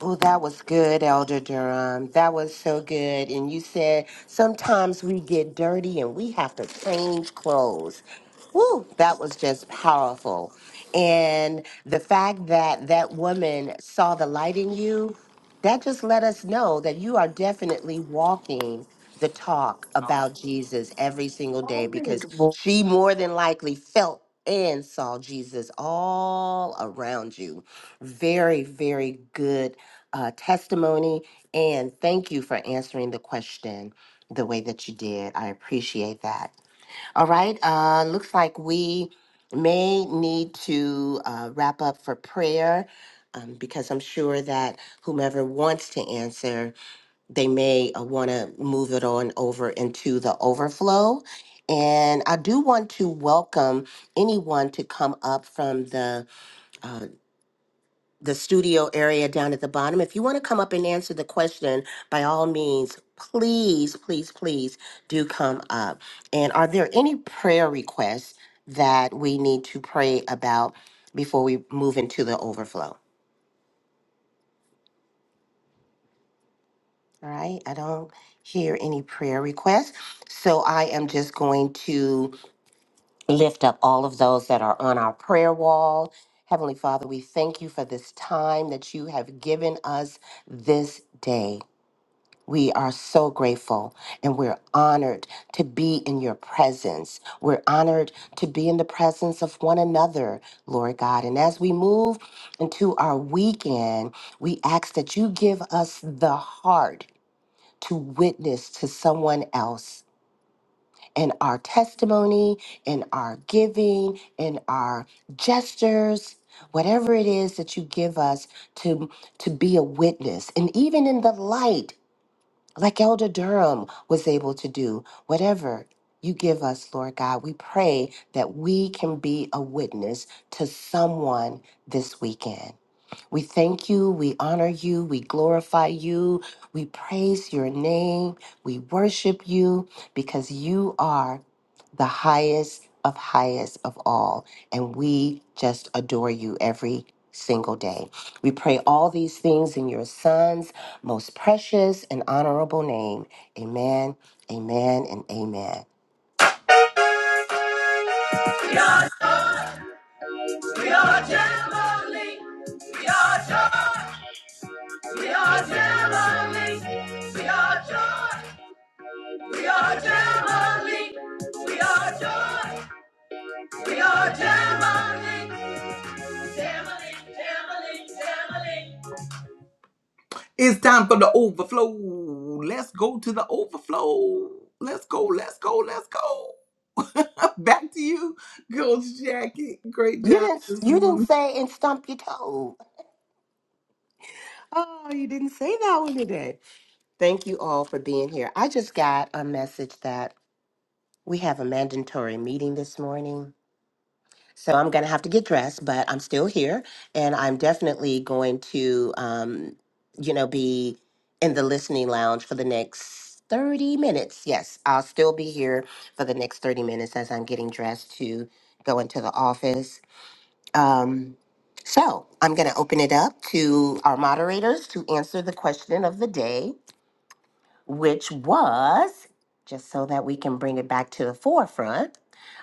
[SPEAKER 4] Oh, that was good, Elder Durham. That was so good. And you said sometimes we get dirty and we have to change clothes. Woo, that was just powerful. And the fact that that woman saw the light in you, that just let us know that you are definitely walking the talk about Jesus every single day because she more than likely felt and saw Jesus all around you. Very, very good uh, testimony. And thank you for answering the question the way that you did. I appreciate that. All right. Uh, looks like we may need to uh, wrap up for prayer um, because I'm sure that whomever wants to answer, they may uh, want to move it on over into the overflow. And I do want to welcome anyone to come up from the uh, the studio area down at the bottom. If you want to come up and answer the question, by all means, please, please, please do come up. And are there any prayer requests that we need to pray about before we move into the overflow? All right, I don't hear any prayer requests. So I am just going to lift up all of those that are on our prayer wall. Heavenly Father, we thank you for this time that you have given us this day. We are so grateful and we're honored to be in your presence. We're honored to be in the presence of one another, Lord God. And as we move into our weekend, we ask that you give us the heart to witness to someone else in our testimony, in our giving, in our gestures. Whatever it is that you give us to, to be a witness, and even in the light like Elder Durham was able to do. Whatever you give us, Lord God, we pray that we can be a witness to someone this weekend. We thank you, we honor you, we glorify you, we praise your name, we worship you because you are the highest of highest of all. And we just adore you every single day. We pray all these things in your son's most precious and honorable name. Amen, amen, and amen.
[SPEAKER 1] We are Jamboree. We are joy. We are Jamboree. We are joy. We are Jamboree. We are joy. We are Jamboree. Jamboree. Jamboree. Jamboree. It's time for the overflow. Let's go to the overflow. Let's go. Let's go. Let's go. Back to you, Coach Jackie. Great
[SPEAKER 4] You
[SPEAKER 1] job
[SPEAKER 4] didn't
[SPEAKER 1] this
[SPEAKER 4] you didn't
[SPEAKER 1] morning.
[SPEAKER 4] say and stump your toe. Oh, you didn't say that one today. Thank you all for being here. I just got a message that we have a mandatory meeting this morning. So I'm going to have to get dressed, but I'm still here. And I'm definitely going to, um, you know, be in the listening lounge for the next 30 minutes. Yes, I'll still be here for the next 30 minutes as I'm getting dressed to go into the office. Um, so I'm going to open it up to our moderators to answer the question of the day which was just so that we can bring it back to the forefront.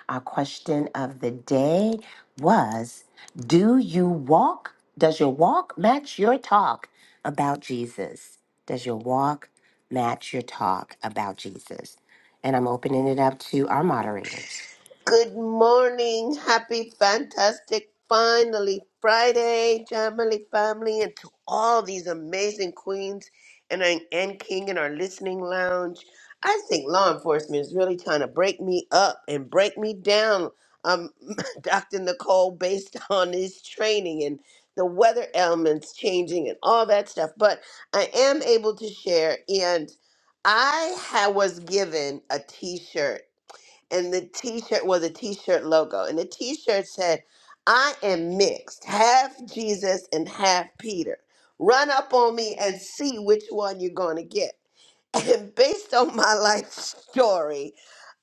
[SPEAKER 4] Our question of the day was Do you walk? Does your walk match your talk about Jesus? Does your walk match your talk about Jesus? And I'm opening it up to our moderators.
[SPEAKER 6] Good morning. Happy, fantastic, finally Friday, Jamily family, and to all these amazing queens and, and king in our listening lounge. I think law enforcement is really trying to break me up and break me down, um, Dr. Nicole, based on his training and the weather elements changing and all that stuff. But I am able to share, and I ha- was given a t shirt and the t-shirt was a t-shirt logo and the t-shirt said i am mixed half jesus and half peter run up on me and see which one you're going to get and based on my life story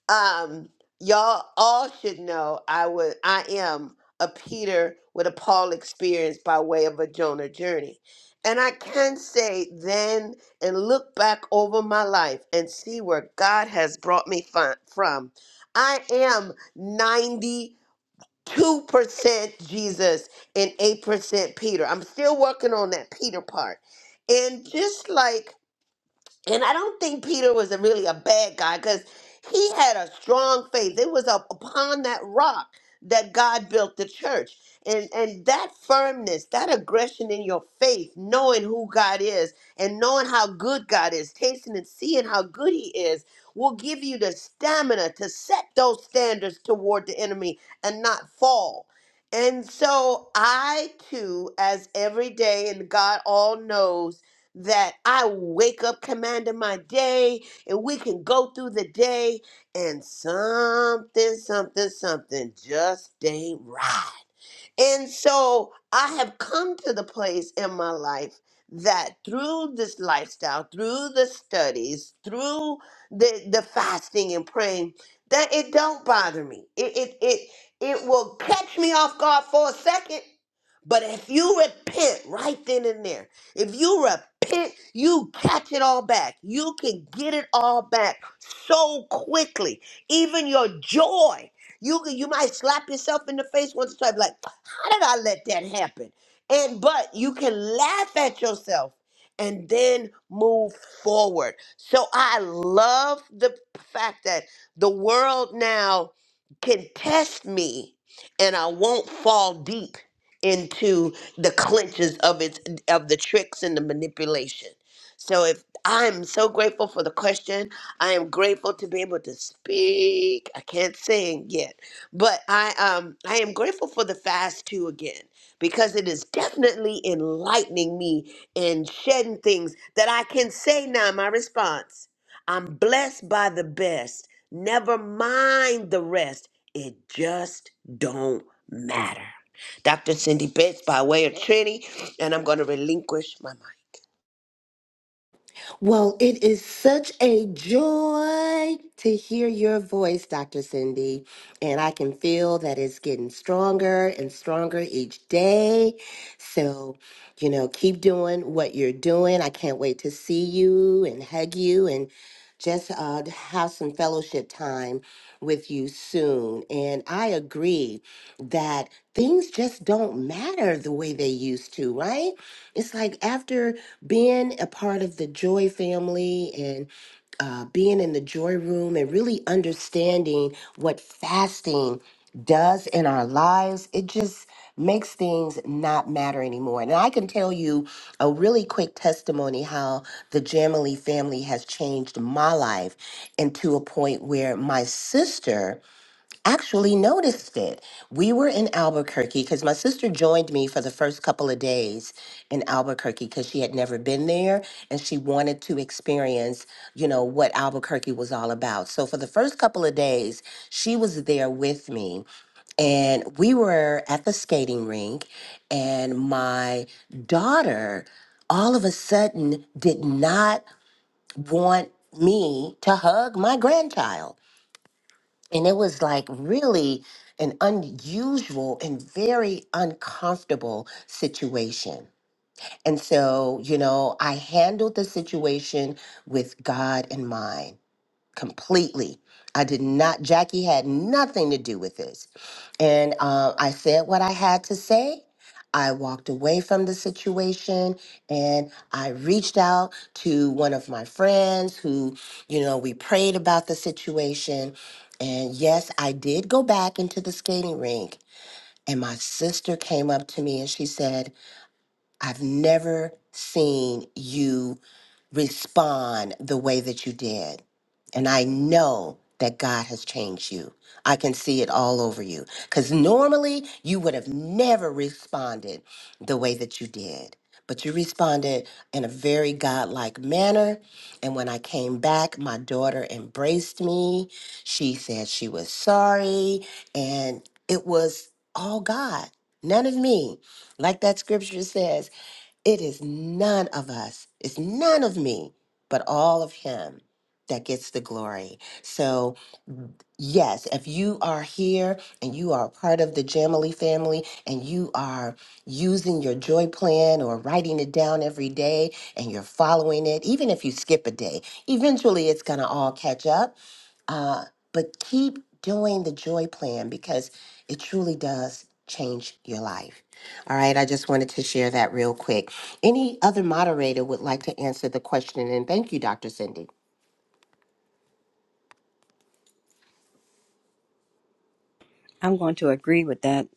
[SPEAKER 6] um y'all all should know i was i am a peter with a paul experience by way of a jonah journey and i can say then and look back over my life and see where god has brought me fi- from i am 92% jesus and 8% peter i'm still working on that peter part and just like and I don't think Peter was a really a bad guy because he had a strong faith. It was up upon that rock that God built the church. And and that firmness, that aggression in your faith, knowing who God is and knowing how good God is, tasting and seeing how good he is, will give you the stamina to set those standards toward the enemy and not fall. And so I too, as every day, and God all knows that I wake up commanding my day and we can go through the day and something, something, something just ain't right. And so I have come to the place in my life that through this lifestyle, through the studies, through the, the fasting and praying, that it don't bother me. It, it it it will catch me off guard for a second. But if you repent right then and there, if you repent, you catch it all back. You can get it all back so quickly. Even your joy. You can- you might slap yourself in the face once or twice, like how did I let that happen? And but you can laugh at yourself and then move forward. So I love the fact that the world now can test me and I won't fall deep into the clinches of its of the tricks and the manipulation. So if I'm so grateful for the question. I am grateful to be able to speak. I can't sing yet, but I um I am grateful for the fast too again because it is definitely enlightening me and shedding things that I can say now. My response: I'm blessed by the best. Never mind the rest. It just don't matter. Dr. Cindy Betts by way of Trinity, and I'm going to relinquish my mic.
[SPEAKER 4] Well, it is such a joy to hear your voice, Dr. Cindy. And I can feel that it's getting stronger and stronger each day. So, you know, keep doing what you're doing. I can't wait to see you and hug you and just uh, to have some fellowship time with you soon. And I agree that things just don't matter the way they used to, right? It's like after being a part of the Joy family and uh, being in the joy room and really understanding what fasting does in our lives, it just makes things not matter anymore. And I can tell you a really quick testimony how the Jamily family has changed my life and to a point where my sister actually noticed it. We were in Albuquerque because my sister joined me for the first couple of days in Albuquerque because she had never been there and she wanted to experience, you know, what Albuquerque was all about. So for the first couple of days, she was there with me and we were at the skating rink and my daughter all of a sudden did not want me to hug my grandchild and it was like really an unusual and very uncomfortable situation. And so, you know, I handled the situation with God in mind completely. I did not, Jackie had nothing to do with this. And uh, I said what I had to say. I walked away from the situation and I reached out to one of my friends who, you know, we prayed about the situation. And yes, I did go back into the skating rink. And my sister came up to me and she said, I've never seen you respond the way that you did. And I know that God has changed you. I can see it all over you. Because normally you would have never responded the way that you did. But you responded in a very godlike manner. And when I came back, my daughter embraced me. She said she was sorry. And it was all God, none of me. Like that scripture says. It is none of us, it's none of me, but all of Him that gets the glory. So, yes, if you are here and you are a part of the Jamily family and you are using your joy plan or writing it down every day and you're following it, even if you skip a day, eventually it's going to all catch up uh, but keep doing the joy plan because it truly does change your life. All right, I just wanted to share that real quick. Any other moderator would like to answer the question? And thank you, Dr. Cindy.
[SPEAKER 3] I'm going to agree with that,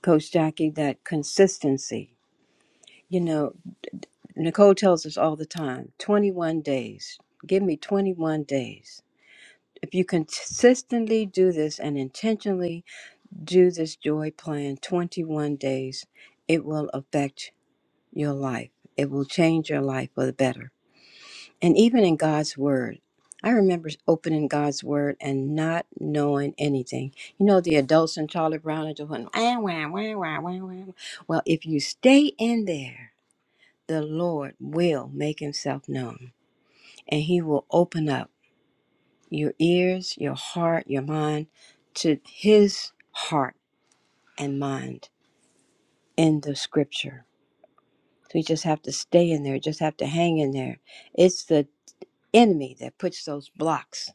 [SPEAKER 3] Coach Jackie. That consistency. You know. Nicole tells us all the time 21 days. Give me 21 days. If you consistently do this and intentionally do this joy plan 21 days, it will affect your life. It will change your life for the better. And even in God's Word, I remember opening God's Word and not knowing anything. You know, the adults in Charlie Brown are just going, "Ah, wah, wah, wah, wah, wah." well, if you stay in there, the Lord will make himself known and He will open up your ears, your heart, your mind to His heart and mind in the scripture. So you just have to stay in there, you just have to hang in there. It's the enemy that puts those blocks,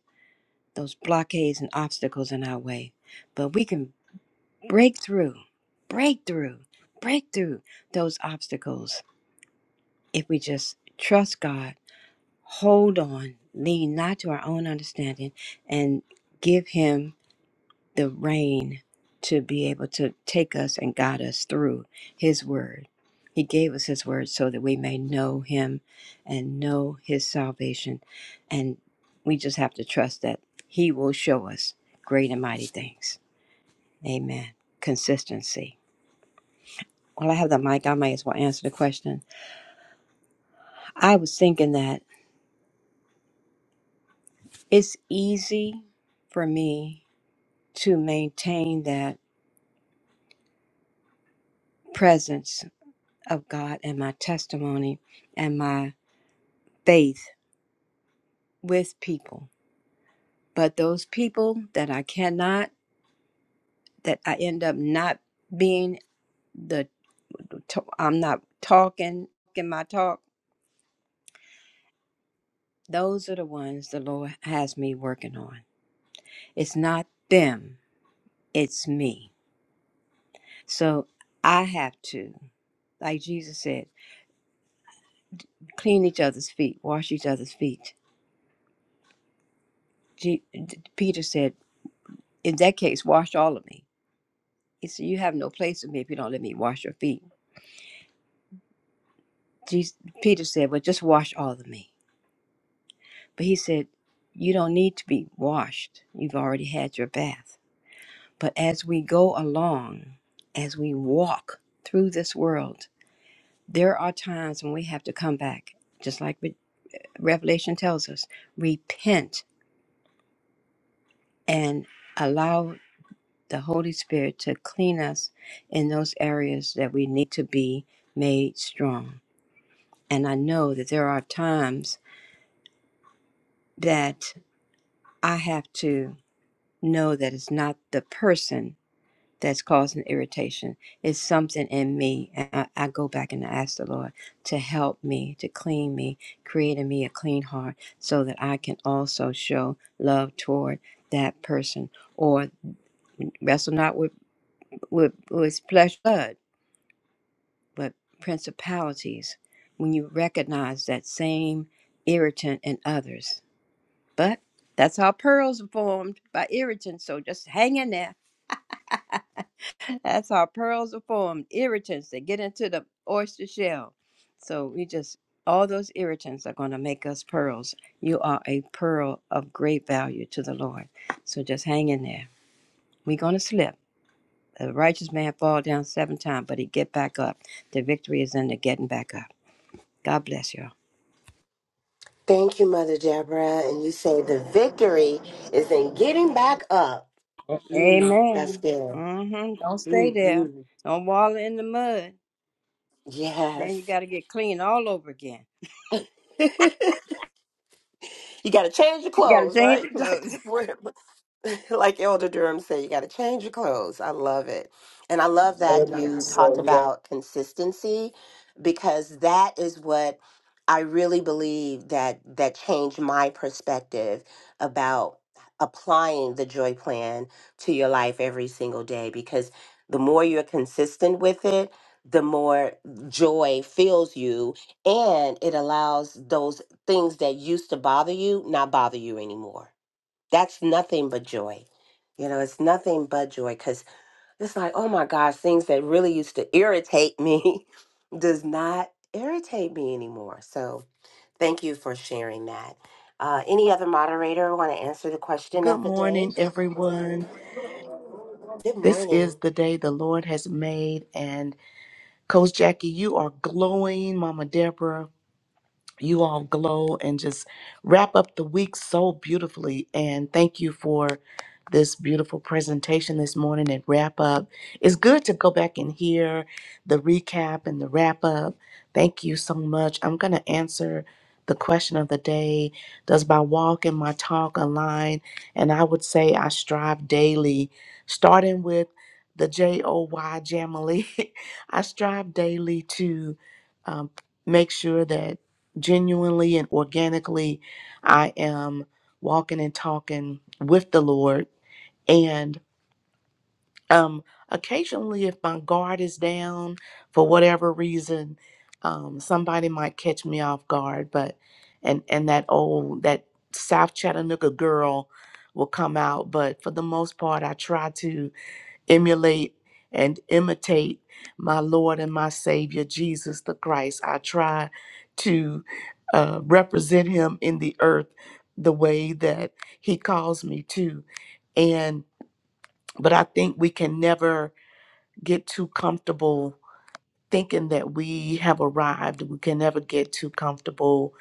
[SPEAKER 3] those blockades and obstacles in our way. But we can break through, break through, break through those obstacles if we just trust God, hold on, lean not to our own understanding, and give Him the rain to be able to take us and guide us through His Word. He gave us His Word so that we may know Him and know His salvation. And we just have to trust that He will show us great and mighty things. Amen. Consistency. Well, I have the mic. I may as well answer the question. I was thinking that it's easy for me to maintain that presence of God and my testimony and my faith with people. But those people that I cannot, that I end up not being the, I'm not talking, in my talk, those are the ones the Lord has me working on. It's not them, it's me. So I have to, like Jesus said, clean each other's feet, wash each other's feet. Je- Peter said, in that case, wash all of me. He said, You have no place with me if you don't let me wash your feet. Jesus, Peter said, Well, just wash all of me. But he said, You don't need to be washed. You've already had your bath. But as we go along, as we walk through this world, there are times when we have to come back, just like Re- Revelation tells us repent and allow the Holy Spirit to clean us in those areas that we need to be made strong. And I know that there are times that I have to. know that it's not the person that's causing irritation. It's something in me. And I, I go back and I ask the Lord to help me, to clean me, create in me a clean heart so that I can also show love toward that person or wrestle not with, with, with flesh and blood, but principalities. When you recognize that same irritant in others. But that's how pearls are formed by irritants. So just hang in there That's how pearls are formed, irritants that get into the oyster shell. So we just, all those irritants are going to make us pearls. You are a pearl of great value to the Lord. So just hang in there. We're going to slip. The righteous man fall down seven times, but he get back up. The victory is in the getting back up. God bless you.
[SPEAKER 4] Thank you, Mother Deborah. And you say the victory is in getting back up.
[SPEAKER 3] all
[SPEAKER 4] Mm, that's
[SPEAKER 3] Amen.
[SPEAKER 4] good.
[SPEAKER 3] hmm Don't stay there.
[SPEAKER 4] hmm
[SPEAKER 3] Don't wallow in the mud. Then you
[SPEAKER 4] Yes.
[SPEAKER 3] got to get clean all over again.
[SPEAKER 4] you got to change your
[SPEAKER 3] You got to
[SPEAKER 4] clothes,
[SPEAKER 3] change
[SPEAKER 4] right,
[SPEAKER 3] your clothes.
[SPEAKER 4] Dr. Deborah? like Elder Durham said, you got to change your clothes. I love it. And I love that you talked about consistency because that is what I really believe that that changed my perspective about applying the joy plan to your life every single day because the more you're consistent with it, the more joy fills you and it allows those things that used to bother you not bother you anymore that's nothing but joy. You know, it's nothing but joy because it's like, oh my gosh, things that really used to irritate me does not irritate me anymore. So thank you for sharing that. Uh, any other moderator want to answer the question
[SPEAKER 7] Good
[SPEAKER 4] of the day?
[SPEAKER 7] morning, everyone.
[SPEAKER 4] Good
[SPEAKER 7] This is
[SPEAKER 4] morning.
[SPEAKER 7] the day the Lord has made, and Coach Jackie, you are glowing, Mama Deborah you all glow and just wrap up the week so beautifully. And thank you for this beautiful presentation this morning and wrap up. It's good to go back and hear the recap and the wrap up. Thank you so much. I'm going to answer the question of the day Does my walk and my talk align? And I would say I strive daily, starting with the J O Y Jamily. I strive daily to um, make sure that genuinely and organically I am walking and talking with the Lord. And um, occasionally, if my guard is down for whatever reason, um, somebody might catch me off guard. But and and that old that South Chattanooga girl will come out. But for the most part, I try to emulate and imitate my Lord and my Savior, Jesus the Christ. I try to uh, represent him in the earth the way that he calls me to. And, but I think we can never get too comfortable thinking that we have arrived. We can never get too comfortable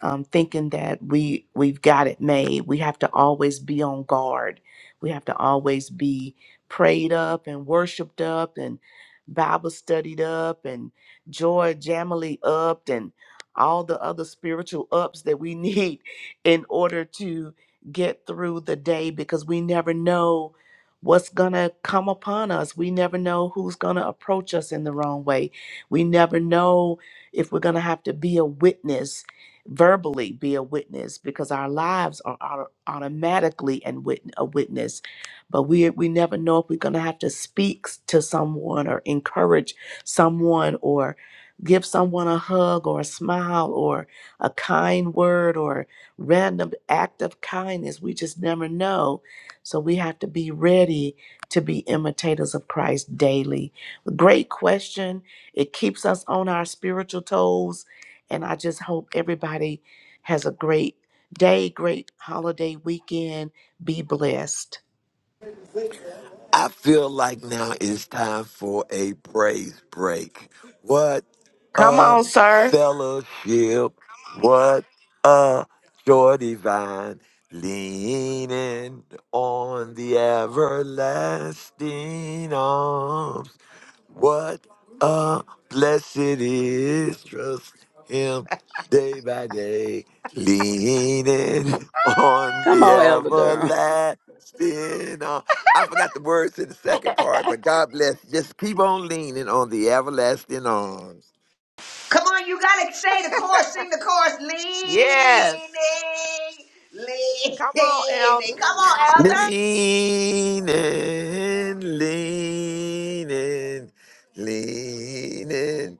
[SPEAKER 7] um, thinking that we we've got it made. We have to always be on guard. We have to always be prayed up and worshipped up and Bible studied up and joy jamily upped and all the other spiritual ups that we need in order to get through the day because we never know what's going to come upon us. We never know who's going to approach us in the wrong way. We never know if we're going to have to be a witness verbally be a witness because our lives are auto- automatically and wit- a witness but we we never know if we're going to have to speak s- to someone or encourage someone or give someone a hug or a smile or a kind word or random act of kindness we just never know so we have to be ready to be imitators of Christ daily great question it keeps us on our spiritual toes and I just hope everybody has a great day, great holiday weekend. Be blessed.
[SPEAKER 5] I feel like now it's time for a praise break. What
[SPEAKER 7] Come
[SPEAKER 5] a
[SPEAKER 7] on, sir.
[SPEAKER 5] fellowship. What a joy divine. Leaning on the everlasting arms what a blessed it is trust him day by day, leaning on
[SPEAKER 8] Come
[SPEAKER 5] the
[SPEAKER 8] on, Elder Durham.
[SPEAKER 5] everlasting. arm. I forgot the words to the
[SPEAKER 4] Good
[SPEAKER 5] second part, but God bless. Just keep on leaning on the everlasting arms.
[SPEAKER 6] Come on, you gotta say the chorus, sing the chorus. Leaning,
[SPEAKER 7] Yes. Come on,
[SPEAKER 6] leaning.
[SPEAKER 7] Elder.
[SPEAKER 6] Come on, Elder.
[SPEAKER 5] Leaning, leaning, leaning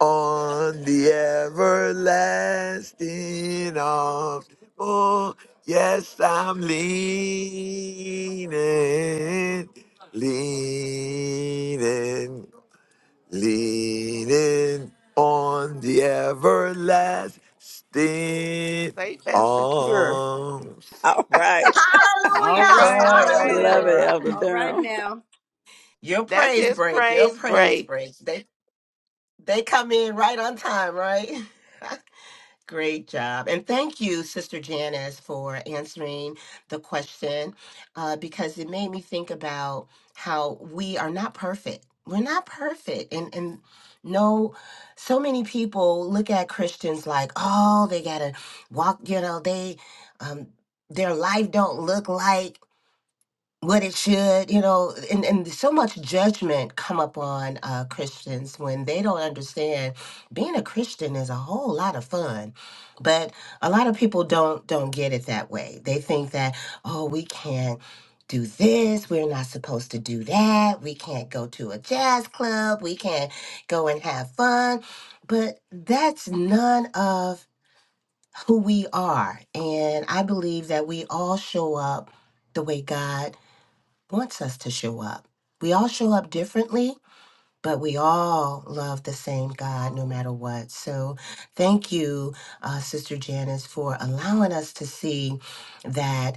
[SPEAKER 5] on the everlasting arm. Oh, yes, I'm leaning, leaning, leaning on the everlasting
[SPEAKER 7] Safe and secure.
[SPEAKER 5] arm.
[SPEAKER 8] All right.
[SPEAKER 3] All
[SPEAKER 6] Hallelujah,
[SPEAKER 3] right,
[SPEAKER 4] morning,
[SPEAKER 3] all right,
[SPEAKER 4] Elder
[SPEAKER 6] hallelujah.
[SPEAKER 8] Love it,
[SPEAKER 3] Elder.
[SPEAKER 4] Dora.
[SPEAKER 8] Elder
[SPEAKER 3] All right
[SPEAKER 8] Durham.
[SPEAKER 3] now.
[SPEAKER 4] Your
[SPEAKER 7] That's
[SPEAKER 4] praise
[SPEAKER 7] his
[SPEAKER 4] break, your
[SPEAKER 7] praise
[SPEAKER 4] praise
[SPEAKER 7] break.
[SPEAKER 4] break. They they come in right on time, right? Great job. And thank you, Sister Janice, for answering the question uh, because it made me think about how we are not perfect. We're not perfect. And, and no, so many people look at Christians like, oh, they got to walk, you know, they, um, their life don't look like what it should, you know, and, and so much judgment come up on uh, Christians when they don't understand being a Christian is a whole lot of fun. But a lot of people don't don't get it that way. They think that, oh, we can't do this, we're not supposed to do that, we can't go to a jazz club, we can't go and have fun. But that's none of who we are. And I believe that we all show up the way God wants us to show up. We all show up differently, but we all love the same God no matter what. So thank you, uh, Sister Janice, for allowing us to see that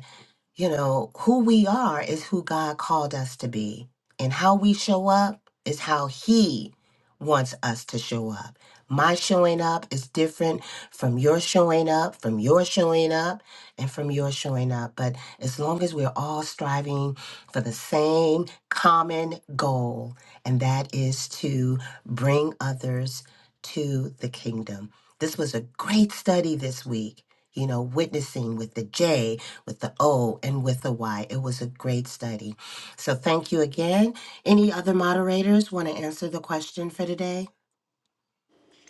[SPEAKER 4] you know, who we are is who God called us to be, and how we show up is how He wants us to show up. My showing up is different from your showing up, from your showing up, and from your showing up. But as long as we're all striving for the same common goal, and that is to bring others to the kingdom. This was a great study this week, you know, witnessing with the J with the O and with the Y. It was a great study. So thank you again. Any other moderators want to answer the question for today?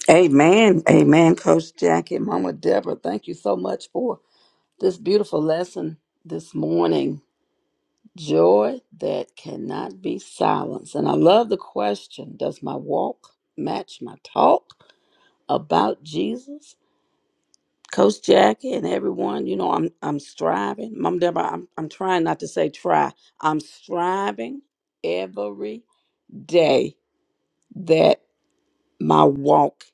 [SPEAKER 8] Amen. Amen, Coach Jackie, Mama Deborah. Thank you so much for this beautiful lesson this morning. Joy that cannot be silenced. And I love the question Does my walk match my talk about Jesus? Coach Jackie and everyone, you know, I'm I'm striving. Mama Deborah, I'm, I'm trying not to say try. I'm striving every day that. my walk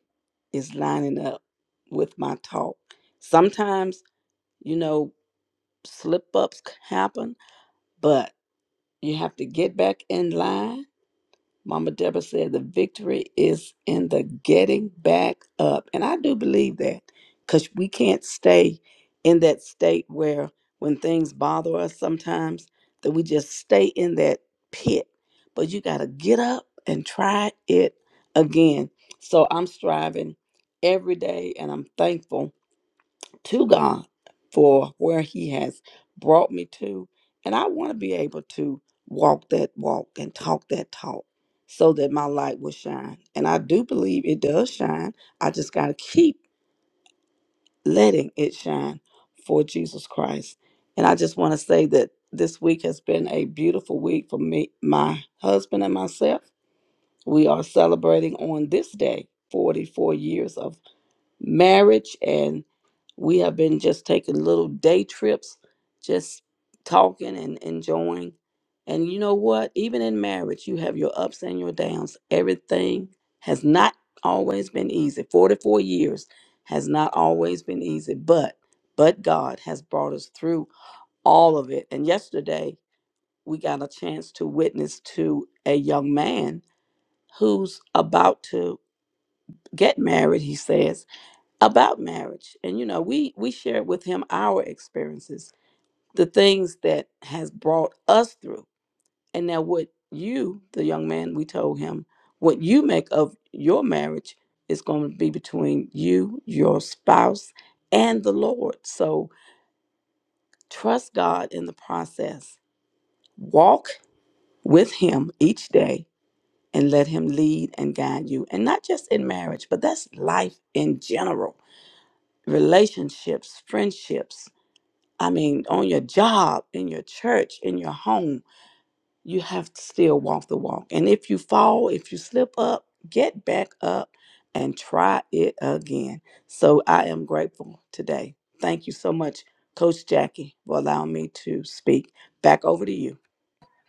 [SPEAKER 8] is lining up with my talk. Sometimes, you know, slip ups happen, but you have to get back in line Mama Deborah said the victory is in the getting back up. And I do believe that because we can't stay in that state where when things bother us sometimes, that we just stay in that pit. But you got to get up and try it again. So I'm striving every day and I'm thankful to God for where He has brought me to. And I want to be able to walk that walk and talk that talk so that my light will shine. And I do believe it does shine. I just got to keep letting it shine for Jesus Christ. And I just want to say that this week has been a beautiful week for me, my husband, and myself. We are celebrating on this day 44 years of marriage and we have been just taking little day trips just talking and enjoying and you know what even in marriage you have your ups and your downs everything has not always been easy 44 years has not always been easy but but god has brought us through all of it and yesterday we got a chance to witness to a young man who's about to get married he says about marriage and you know we we shared with him our experiences the things that has brought us through and now what you the young man we told him what you make of your marriage is going to be between you your spouse and the lord so trust god in the process walk with him each day and let him lead and guide you and not just in marriage but that's life in general relationships friendships I mean, on your job, in your church, in your home, you have to still walk the walk. And if you fall, if you slip up, get back up and try it again. So I am grateful today. Thank you so much, Coach Jackie, for allowing me to speak. Back over to you.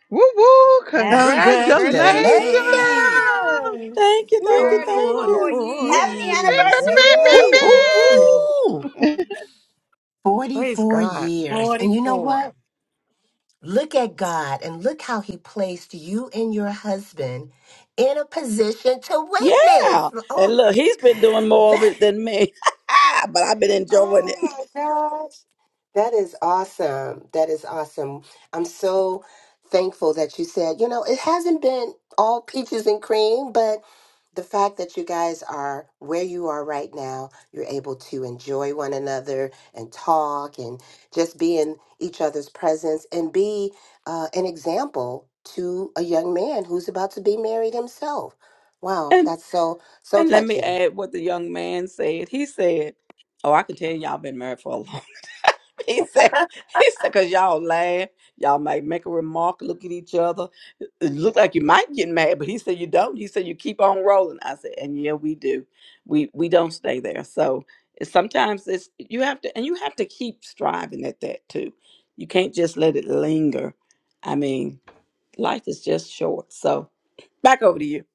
[SPEAKER 1] Woo woo!
[SPEAKER 3] Happy
[SPEAKER 1] Congratulations!
[SPEAKER 3] anniversary!
[SPEAKER 7] Congratulations
[SPEAKER 4] Congratulations!
[SPEAKER 8] Thank you, thank you,
[SPEAKER 7] on
[SPEAKER 8] thank you.
[SPEAKER 3] 34
[SPEAKER 1] Woo!
[SPEAKER 7] 44
[SPEAKER 3] years.
[SPEAKER 6] Happy
[SPEAKER 1] Yes. Beep, beep,
[SPEAKER 7] years.
[SPEAKER 1] beep, beep, beep,
[SPEAKER 6] anniversary.
[SPEAKER 3] Woo-hoo!
[SPEAKER 6] Whoop,
[SPEAKER 4] Yes.
[SPEAKER 1] beep.
[SPEAKER 6] whoop.
[SPEAKER 7] Woohoo! Praise
[SPEAKER 4] 44
[SPEAKER 7] God.
[SPEAKER 4] years. And you know
[SPEAKER 3] 44.
[SPEAKER 4] what? Look at God and look how he placed you and your husband in a position to
[SPEAKER 8] Yeah.
[SPEAKER 4] witness.
[SPEAKER 8] And look, he's been doing
[SPEAKER 4] Oh my,
[SPEAKER 8] more of
[SPEAKER 4] that,
[SPEAKER 8] it than me, but I've been enjoying
[SPEAKER 4] oh my God. That is awesome. That is awesome. I'm so thankful that you said, you know, it hasn't been all peaches and cream, but the fact that you guys are where you are right now, you're able to enjoy one another and talk and just be in each other's presence and be uh, an example to a young man who's about to be married himself. Wow,
[SPEAKER 8] it.
[SPEAKER 4] that's so so
[SPEAKER 8] And let me
[SPEAKER 4] touching.
[SPEAKER 8] add what the young man said. He said, "Oh, I can tell y'all been married for a long." time." He said, "He said because y'all laugh, y'all might make a remark, look at each other, it look like you might get mad, but he said you don't. He said you keep on rolling." I said, "And yeah, we do. We we don't stay there. So it's, sometimes it's you have to, and you have to keep striving at that too. You can't just let it linger. I mean, life is just short. So back over to you.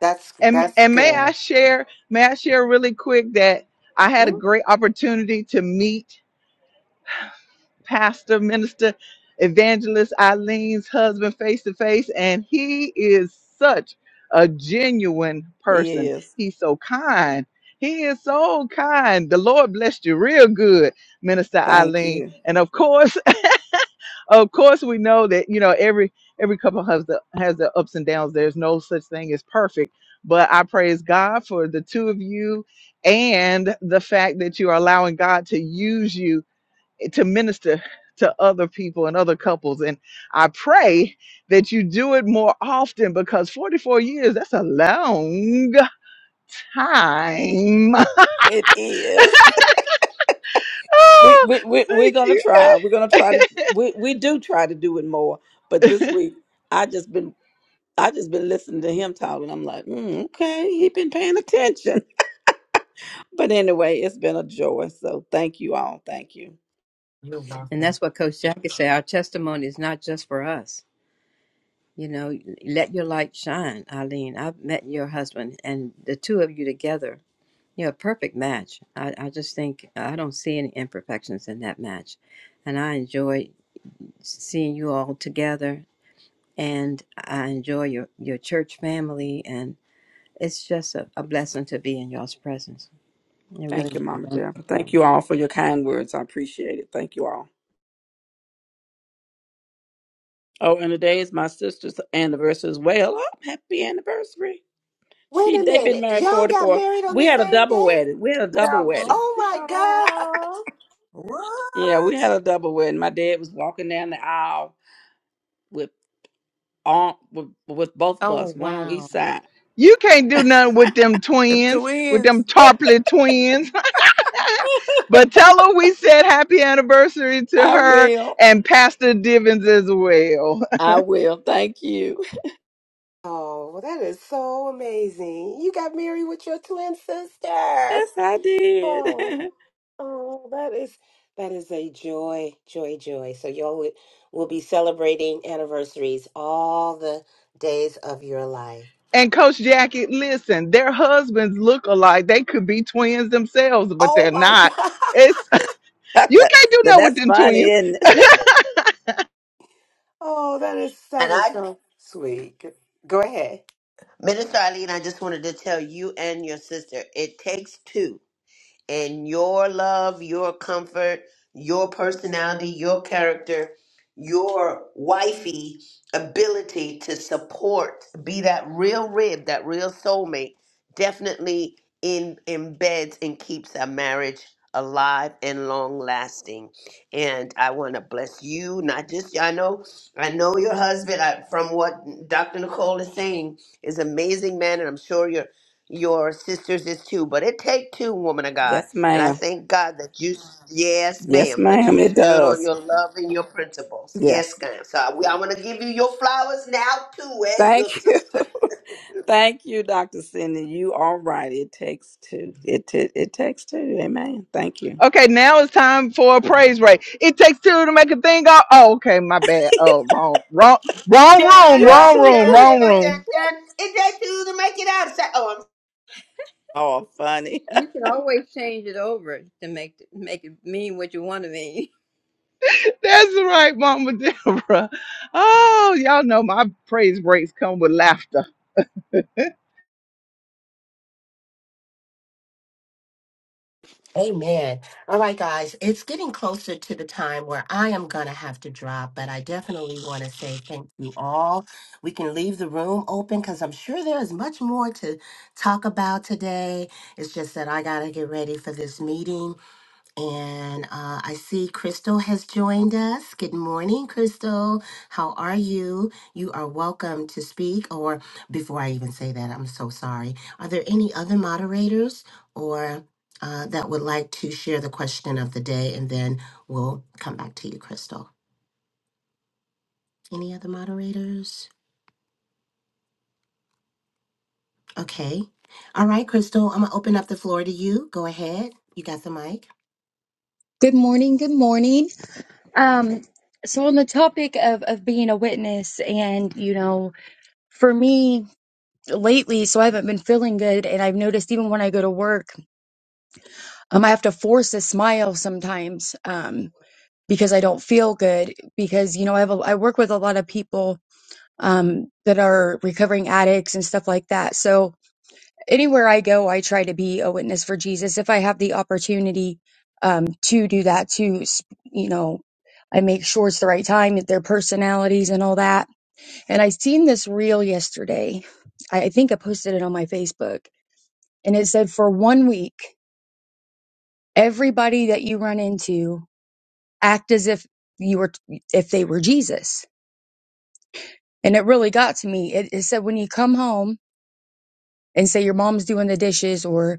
[SPEAKER 4] That's
[SPEAKER 1] And
[SPEAKER 4] that's
[SPEAKER 1] and may I
[SPEAKER 4] good.
[SPEAKER 1] share, may I share really quick that I had a great opportunity to meet Pastor Minister Evangelist Eileen's husband face to face, and he is such a genuine person.
[SPEAKER 8] Yes,
[SPEAKER 1] He's so kind. He is so kind. The Lord blessed you real good, Minister
[SPEAKER 8] thank
[SPEAKER 1] Eileen.
[SPEAKER 8] you."
[SPEAKER 1] And of course, of course we know that you know every every couple has the has the ups and downs there's no such thing as perfect but i praise god for the two of you and the fact that you are allowing god to use you eh, to minister to other people and other couples and i pray that you do it more often because 44 years that's a long time
[SPEAKER 8] It is. We
[SPEAKER 1] Oh,
[SPEAKER 8] we we we're
[SPEAKER 1] thank
[SPEAKER 8] gonna try. We're gonna
[SPEAKER 1] you
[SPEAKER 8] try to. We we do try to do it more. But this week, I just been I just been listening to him talk, and I'm like, mm, okay, he been paying attention. But anyway, it's been a joy. So thank you all. Thank you.
[SPEAKER 4] You're
[SPEAKER 3] And
[SPEAKER 4] welcome.
[SPEAKER 3] that's what Coach Jackie said. Our testimony is not just for us. You know, let your light shine, Eileen. I've met your husband and the two of you together. You're a perfect match. I, I just think uh, I don't see any imperfections in that match. And I enjoy seeing you all together and I enjoy your, your church family, and it's just a, a blessing to be in y'all's presence. It really
[SPEAKER 8] Thank you,
[SPEAKER 3] is a
[SPEAKER 8] Mama Deborah.
[SPEAKER 3] wonderful
[SPEAKER 8] Thank
[SPEAKER 3] thing.
[SPEAKER 8] you all for your kind words. I appreciate it. Thank you all. Oh, and today is my sister's anniversary as well. Oh, happy anniversary.
[SPEAKER 4] Wait
[SPEAKER 8] She
[SPEAKER 4] a
[SPEAKER 8] they've been
[SPEAKER 4] minute.
[SPEAKER 8] married
[SPEAKER 4] Y'all got
[SPEAKER 8] 44.
[SPEAKER 4] married on
[SPEAKER 8] We
[SPEAKER 4] the
[SPEAKER 8] had a
[SPEAKER 4] same
[SPEAKER 8] double
[SPEAKER 4] day?
[SPEAKER 8] wedding. We had a double
[SPEAKER 3] Double.
[SPEAKER 8] wedding.
[SPEAKER 4] Oh my God.
[SPEAKER 3] Oh.
[SPEAKER 8] Yeah, we
[SPEAKER 7] What?
[SPEAKER 8] had a double wedding. My dad was walking down the aisle with on with, with both of us,
[SPEAKER 7] Oh,
[SPEAKER 8] one on each
[SPEAKER 7] wow.
[SPEAKER 8] side.
[SPEAKER 1] You can't do nothing with them
[SPEAKER 7] Them
[SPEAKER 1] twins, with
[SPEAKER 7] twins.
[SPEAKER 1] them tarplet twins. but tell her we said happy anniversary to
[SPEAKER 8] I
[SPEAKER 1] her
[SPEAKER 8] will.
[SPEAKER 1] and Pastor Divins as well.
[SPEAKER 8] I will. Thank you.
[SPEAKER 4] Oh, well, that is so amazing. You got married with your twin
[SPEAKER 8] Yes,
[SPEAKER 4] sister.
[SPEAKER 8] I did.
[SPEAKER 4] Oh, oh, that is that is a joy, joy, joy. So y'all will, will be celebrating anniversaries all the days of your life.
[SPEAKER 1] and Coach Jackie, listen, their husbands look alike. They could be twins themselves, but
[SPEAKER 4] Oh
[SPEAKER 1] they're
[SPEAKER 4] my
[SPEAKER 1] not.
[SPEAKER 4] God.
[SPEAKER 1] It's
[SPEAKER 8] that,
[SPEAKER 1] you
[SPEAKER 8] that-
[SPEAKER 1] can't do nothing with
[SPEAKER 8] that's
[SPEAKER 1] them
[SPEAKER 8] funny,
[SPEAKER 1] twins.
[SPEAKER 8] isn't it?
[SPEAKER 4] Oh, that is
[SPEAKER 6] And
[SPEAKER 4] that is
[SPEAKER 6] I,
[SPEAKER 4] so sweet. Go go ahead.
[SPEAKER 6] Minister Eileen, I just wanted to tell you and your sister, it takes two. and your love, your comfort, your personality, your character, your wifey ability to support, be that real rib, that real soulmate, definitely in embeds and keeps a marriage alive and long lasting. And I want to bless you, not just I know, I know your husband. I, from what Dr. Nicole is saying, is an amazing man, and I'm sure you're your sisters is too, but it take two, woman of God.
[SPEAKER 8] Yes,
[SPEAKER 6] And I
[SPEAKER 8] ma'am.
[SPEAKER 6] thank God that you, yes,
[SPEAKER 8] Yes,
[SPEAKER 6] ma'am, that
[SPEAKER 8] ma'am.
[SPEAKER 6] you
[SPEAKER 8] It
[SPEAKER 6] stood on
[SPEAKER 8] does.
[SPEAKER 6] your love and your principles. Yes,
[SPEAKER 8] Yes.
[SPEAKER 6] ma'am. So I, I want to give you your flowers now too, and your
[SPEAKER 8] Thank you.
[SPEAKER 6] sister.
[SPEAKER 8] Thank you, Dr. Cindy. You are right. It takes two. It t- it takes two. Amen. Thank you.
[SPEAKER 1] Okay, now it's time for a praise break. It takes two to make a thing go. Oh, okay, my bad. Oh, wrong, wrong, wrong
[SPEAKER 6] Dun,
[SPEAKER 1] room,
[SPEAKER 8] You're
[SPEAKER 3] Well,
[SPEAKER 6] dun,
[SPEAKER 1] wrong
[SPEAKER 8] so
[SPEAKER 1] room,
[SPEAKER 6] dun,
[SPEAKER 8] crazy.
[SPEAKER 6] dun,
[SPEAKER 1] wrong room.
[SPEAKER 6] dun, dun. It take two to make it out. Say, oh,
[SPEAKER 8] Oh, funny.
[SPEAKER 3] you can always change it over to make make it mean what you want to mean.
[SPEAKER 1] That's right, Mama Deborah. Oh, y'all know my praise breaks come with laughter.
[SPEAKER 4] Amen. All right, guys, it's getting closer to the time where I am going to have to drop, but I definitely want to say thank you all. We can leave the room open because I'm sure there is much more to talk about today. It's just that I got to get ready for this meeting. And uh, I see Crystal has joined us. Good morning, Crystal. How are you? You are welcome to speak. Or before I even say that, I'm so sorry. Are there any other moderators or uh, that would like to share the question of the day? And then we'll come back to you, Crystal. Any other moderators? Okay. All right, Crystal, I'm going to open up the floor to you. Go ahead. You got the mic.
[SPEAKER 9] Good morning. Good morning. Um, so on the topic of of being a witness, and you know, for me lately, so I haven't been feeling good, and I've noticed even when I go to work, um, I have to force a smile sometimes, um, because I don't feel good. Because you know, I have a, I work with a lot of people, um, that are recovering addicts and stuff like that. So anywhere I go, I try to be a witness for Jesus. If I have the opportunity um, to do that, to you know, I make sure it's the right time, their personalities and all that. And I seen this reel yesterday. I I think I posted it on my Facebook, and it said for one week, everybody that you run into act as if you were if they were Jesus. And it really got to me. It, it said when you come home and say your mom's doing the dishes or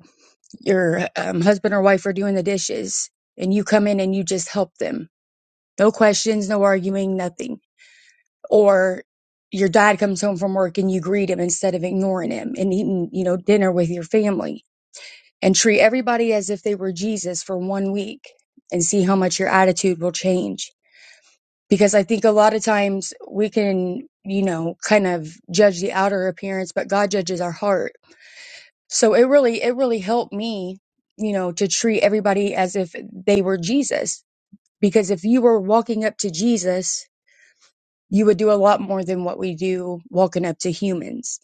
[SPEAKER 9] your um, husband or wife are doing the dishes and you come in and you just help them. No questions, no arguing, nothing. Or your dad comes home from work and you greet him instead of ignoring him and eating, you know, dinner with your family and treat everybody as if they were Jesus for one week and see how much your attitude will change. Because I think a lot of times we can, you know, kind of judge the outer appearance, but God judges our heart So it really, it really helped me, you know, to treat everybody as if they were Jesus. Because if you were walking up to Jesus, you would do a lot more than what we do walking up to humans.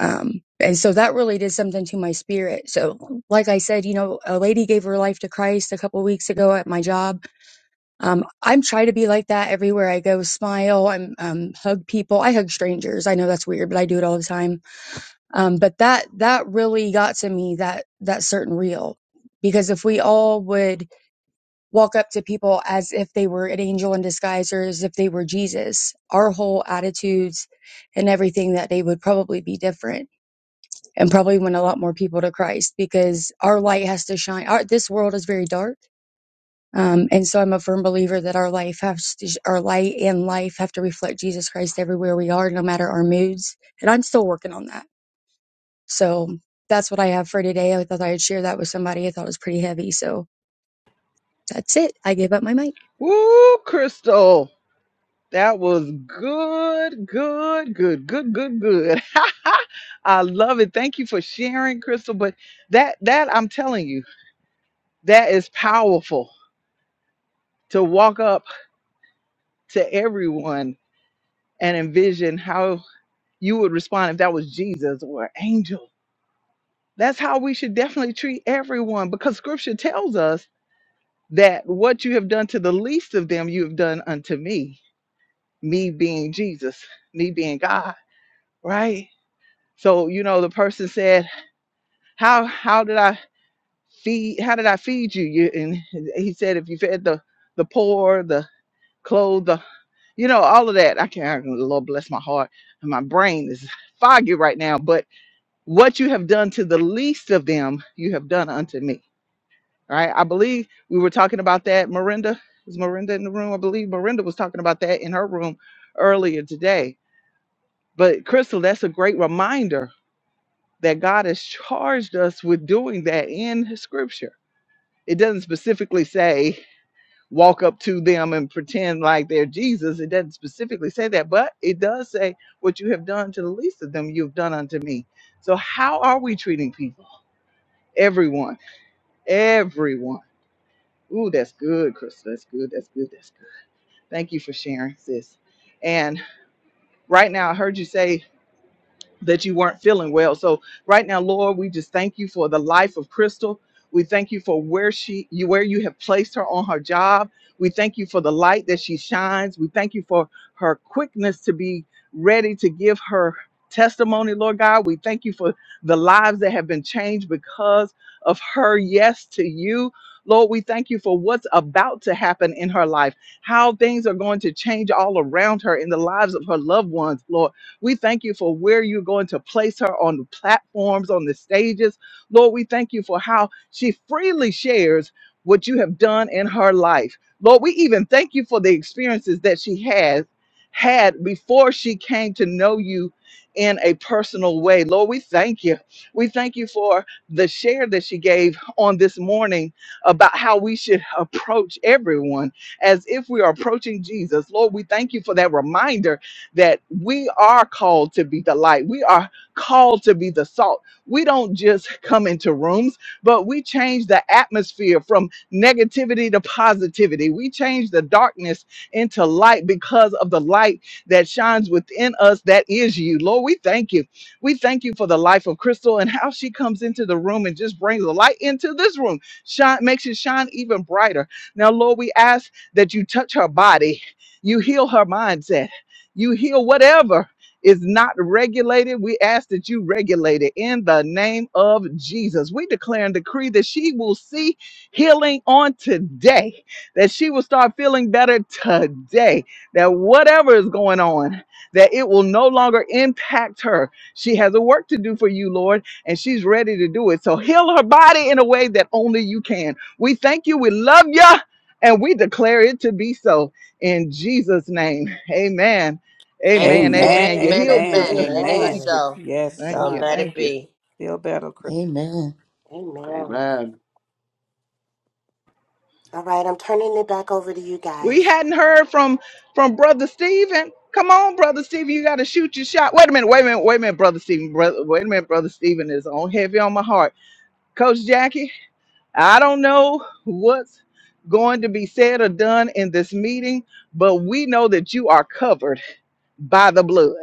[SPEAKER 9] Um, and so that really did something to my spirit. So, like I said, you know, a lady gave her life to Christ a couple weeks ago at my job. Um, I'm trying to be like that everywhere I go. Smile, I'm um, hug people. I hug strangers. I know that's weird, but I do it all the time um, but that that really got to me that that certain reel because if we all would walk up to people as if they were an angel in disguise or as if they were jesus our whole attitudes and everything that they would probably be different and probably win a lot more people to christ because our light has to shine our, this world is very dark um, and so i'm a firm believer that our life has to, our light and life have to reflect jesus christ everywhere we are no matter our moods and i'm still working on that so that's what I have for today. I thought I'd share that with somebody. I thought it was pretty heavy. So that's it. I give up my mic.
[SPEAKER 1] Woo, Crystal. That was good, good, good, good, good, good. I love it. Thank you for sharing, Crystal. But that that I'm telling you, that is powerful to walk up to everyone and envision how you would respond if that was Jesus or an angel. That's how we should definitely treat everyone because scripture tells us that what you have done to the least of them, you have done unto me, me being Jesus, me being God, right? So, you know, the person said, How how did I feed how did I feed you? you and he said, If you fed the the poor, the clothed, the you know, all of that. I can't Lord bless my heart. And my brain is foggy right now, but what you have done to the least of them, you have done unto me right? I believe we were talking about that. Miranda is Miranda in the room? I believe Miranda was talking about that in her room earlier today. But Crystal, that's a great reminder that God has charged us with doing that in His Scripture. It doesn't specifically say walk up to them and pretend like they're Jesus. It doesn't specifically say that, but it does say what you have done to the least of them, you've done unto me. So how are we treating people? Everyone, everyone. Ooh, that's good, Crystal. That's good. That's good. That's good. Thank you for sharing, sis. And right now, I heard you say that you weren't feeling well. So right now, Lord, we just thank you for the life of Crystal. We thank you for where she you where you have placed her on her job. We thank you for the light that she shines. We thank you for her quickness to be ready to give her testimony, Lord God. We thank you for the lives that have been changed because of her yes to you. Lord, we thank you for what's about to happen in her life, how things are going to change all around her in the lives of her loved ones, Lord. We thank you for where you're going to place her on the platforms, on the stages. Lord, we thank you for how she freely shares what you have done in her life. Lord, we even thank you for the experiences that she has had before she came to know you in a personal way. Lord, we thank you. We thank you for the share that she gave on this morning about how we should approach everyone as if we are approaching Jesus. Lord, we thank you for that reminder that we are called to be the light. We are called to be the salt. We don't just come into rooms, but we change the atmosphere from negativity to positivity. We change the darkness into light because of the light that shines within us. That is you. Lord, we thank you. We thank you for the life of Crystal and how she comes into the room and just brings the light into this room, shine, makes it shine even brighter. Now, Lord, we ask that you touch her body, you heal her mindset you heal whatever is not regulated. We ask that you regulate it in the name of Jesus. We declare and decree that she will see healing on today, that she will start feeling better today, that whatever is going on, that it will no longer impact her. She has a work to do for you, Lord, and she's ready to do it. So heal her body in a way that only you can. We thank you. We love you. And we declare it to be so in Jesus' name. Amen.
[SPEAKER 6] I'm-
[SPEAKER 1] Amen.
[SPEAKER 6] amen,
[SPEAKER 8] Amen.
[SPEAKER 1] Amen. You're
[SPEAKER 6] amen,
[SPEAKER 1] healed,
[SPEAKER 8] Amen.
[SPEAKER 6] amen,
[SPEAKER 1] sister.
[SPEAKER 6] and it is
[SPEAKER 8] Amen.
[SPEAKER 1] Thank
[SPEAKER 4] Amen.
[SPEAKER 1] you.
[SPEAKER 6] so.
[SPEAKER 8] Yes,
[SPEAKER 6] So
[SPEAKER 1] Thank you.
[SPEAKER 8] God.
[SPEAKER 6] let it
[SPEAKER 1] Thank you.
[SPEAKER 4] Amen.
[SPEAKER 6] be.
[SPEAKER 8] Feel better, Chris.
[SPEAKER 7] Amen.
[SPEAKER 4] Amen.
[SPEAKER 10] Amen.
[SPEAKER 4] All right, I'm turning it back over to you
[SPEAKER 1] We
[SPEAKER 4] guys.
[SPEAKER 1] hadn't heard from from Brother Stephen. Come on, Brother Stephen. You got to shoot your shot. Wait a minute. Wait a minute. Wait a minute, Brother Stephen. Brother, wait a minute, Brother Stephen is on heavy on my heart. Coach Jackie, I don't know what's going to be said or done in this meeting, but we know that you are covered by the blood.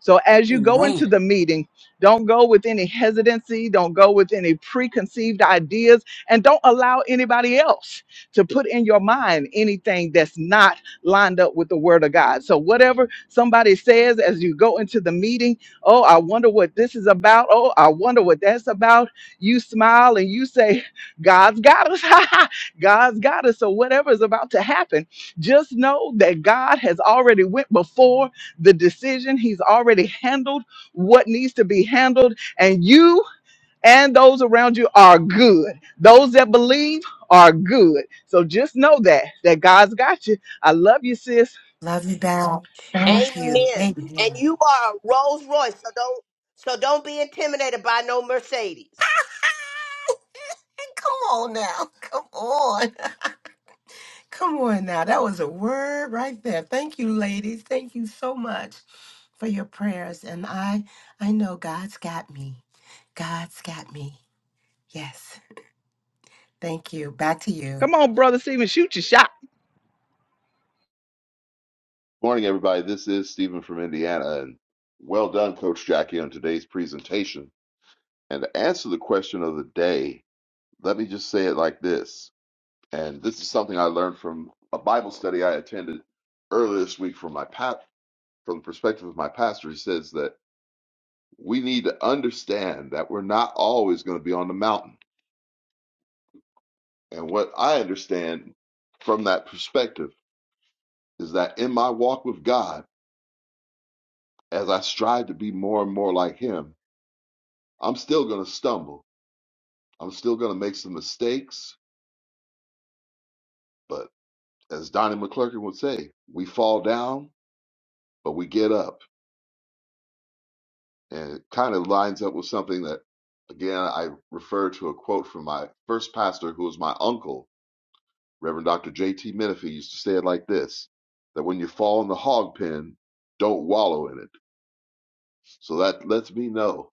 [SPEAKER 1] So as you go into the
[SPEAKER 8] Amen.
[SPEAKER 1] meeting, don't go with any hesitancy, don't go with any preconceived ideas, and don't allow anybody else to put in your mind anything that's not lined up with the word of God. So whatever somebody says as you go into the meeting, oh, I wonder what this is about. Oh, I wonder what that's about. You smile and you say, God's got us. God's got us. So whatever is about to happen, just know that God has already went before the decision. He's already handled what needs to be handled. And you and those around you are good. Those that believe are good. So just know that, that God's got you. I love you, sis.
[SPEAKER 4] Love you back.
[SPEAKER 1] All right.
[SPEAKER 4] Thank you.
[SPEAKER 6] Amen.
[SPEAKER 4] Amen.
[SPEAKER 6] And you are a Rolls Royce, so don't so don't be intimidated by no Mercedes.
[SPEAKER 4] Come on now. Come on. Come on now. That was a word right there. Thank you, ladies. Thank you so much for your prayers. And I I know God's got me. God's got me. Yes. Thank you. Back to you.
[SPEAKER 1] Come on, brother Stephen, shoot your shot.
[SPEAKER 10] Morning, everybody. This is Stephen from Indiana, and well done, Coach Jackie, on today's presentation. And to answer the question of the day, let me just say it like this. And this is something I learned from a Bible study I attended earlier this week from my pap from the perspective of my pastor. He says that we need to understand that we're not always going to be on the mountain. And what I understand from that perspective is that in my walk with God, as I strive to be more and more like Him, I'm still going to stumble. I'm still going to make some mistakes. But as Donnie McClurkin would say, we fall down, but we get up. And it kind of lines up with something that, again, I refer to a quote from my first pastor, who was my uncle, Reverend Dr. J.T. Menifee, used to say it like this that when you fall in the hog pen, don't wallow in it. So that lets me know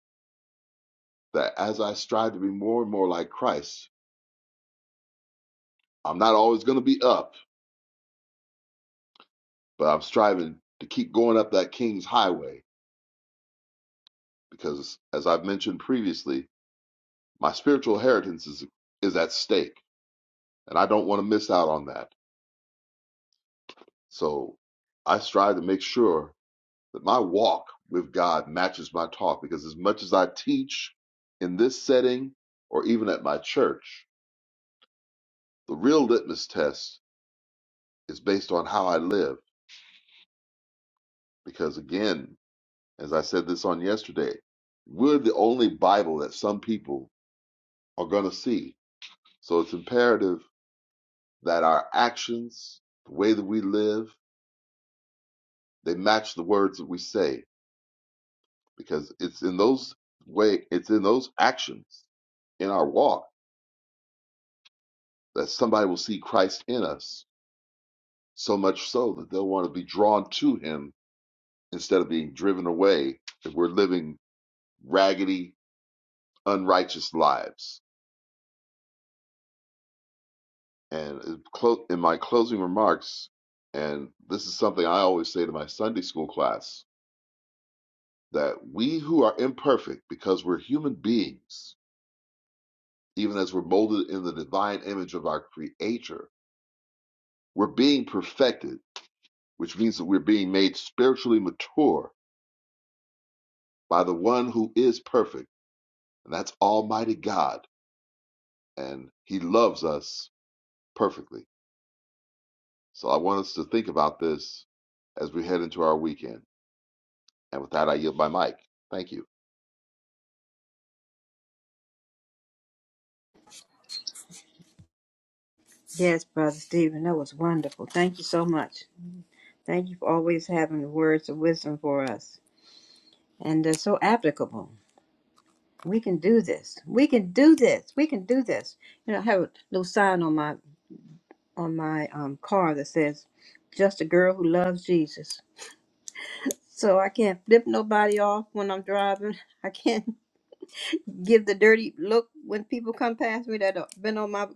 [SPEAKER 10] that as I strive to be more and more like Christ, I'm not always going to be up, but I'm striving to keep going up that King's highway because, as I've mentioned previously, my spiritual inheritance is, is at stake, and I don't want to miss out on that. So I strive to make sure that my walk with God matches my talk, because as much as I teach in this setting or even at my church, the real litmus test is based on how I live. Because, again, as I said this on yesterday, we're the only Bible that some people are going to see. So it's imperative that our actions, the way that we live, they match the words that we say because it's in those way it's in those actions in our walk that somebody will see Christ in us so much so that they'll want to be drawn to him instead of being driven away if we're living raggedy unrighteous lives and in my closing remarks and this is something I always say to my Sunday school class that we who are imperfect because we're human beings even as we're molded in the divine image of our Creator, we're being perfected, which means that we're being made spiritually mature by the one who is perfect, and that's Almighty God, and He loves us perfectly. So I want us to think about this as we head into our weekend. And with that, I yield my mic. Thank you.
[SPEAKER 3] Yes, Brother Stephen, that was wonderful. Thank you so much. Thank you for always having the words of wisdom for us, and they're so applicable. We can do this. We can do this. We can do this. You know, I have a little sign on my on my um, car that says "Just a girl who loves Jesus." So I can't flip nobody off when I'm driving. I can't give the dirty look when people come past me that have been on my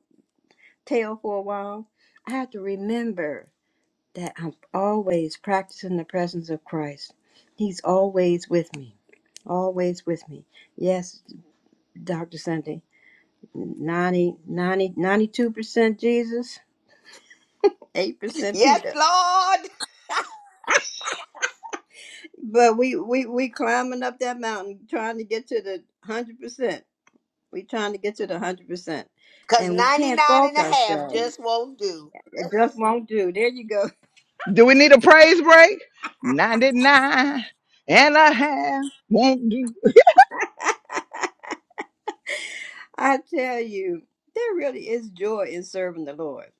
[SPEAKER 3] tail for a while. I have to remember that I'm always practicing the presence of Christ. He's always with me. Always with me. Yes, Dr. Sunday, ninety, ninety, ninety-two percent Jesus, 8%
[SPEAKER 6] Yes,
[SPEAKER 3] Peter.
[SPEAKER 6] Lord.
[SPEAKER 3] But we we we climbing up that mountain, trying to get to the hundred percent. We trying to get to the hundred percent,
[SPEAKER 6] Because
[SPEAKER 3] and we can't
[SPEAKER 6] ninety-nine and a half
[SPEAKER 3] fault ourselves.
[SPEAKER 6] just won't do.
[SPEAKER 3] It just won't do. There you go.
[SPEAKER 1] Do we need a praise break? 99 and a half won't do.
[SPEAKER 3] I tell you, there really is joy in serving the Lord.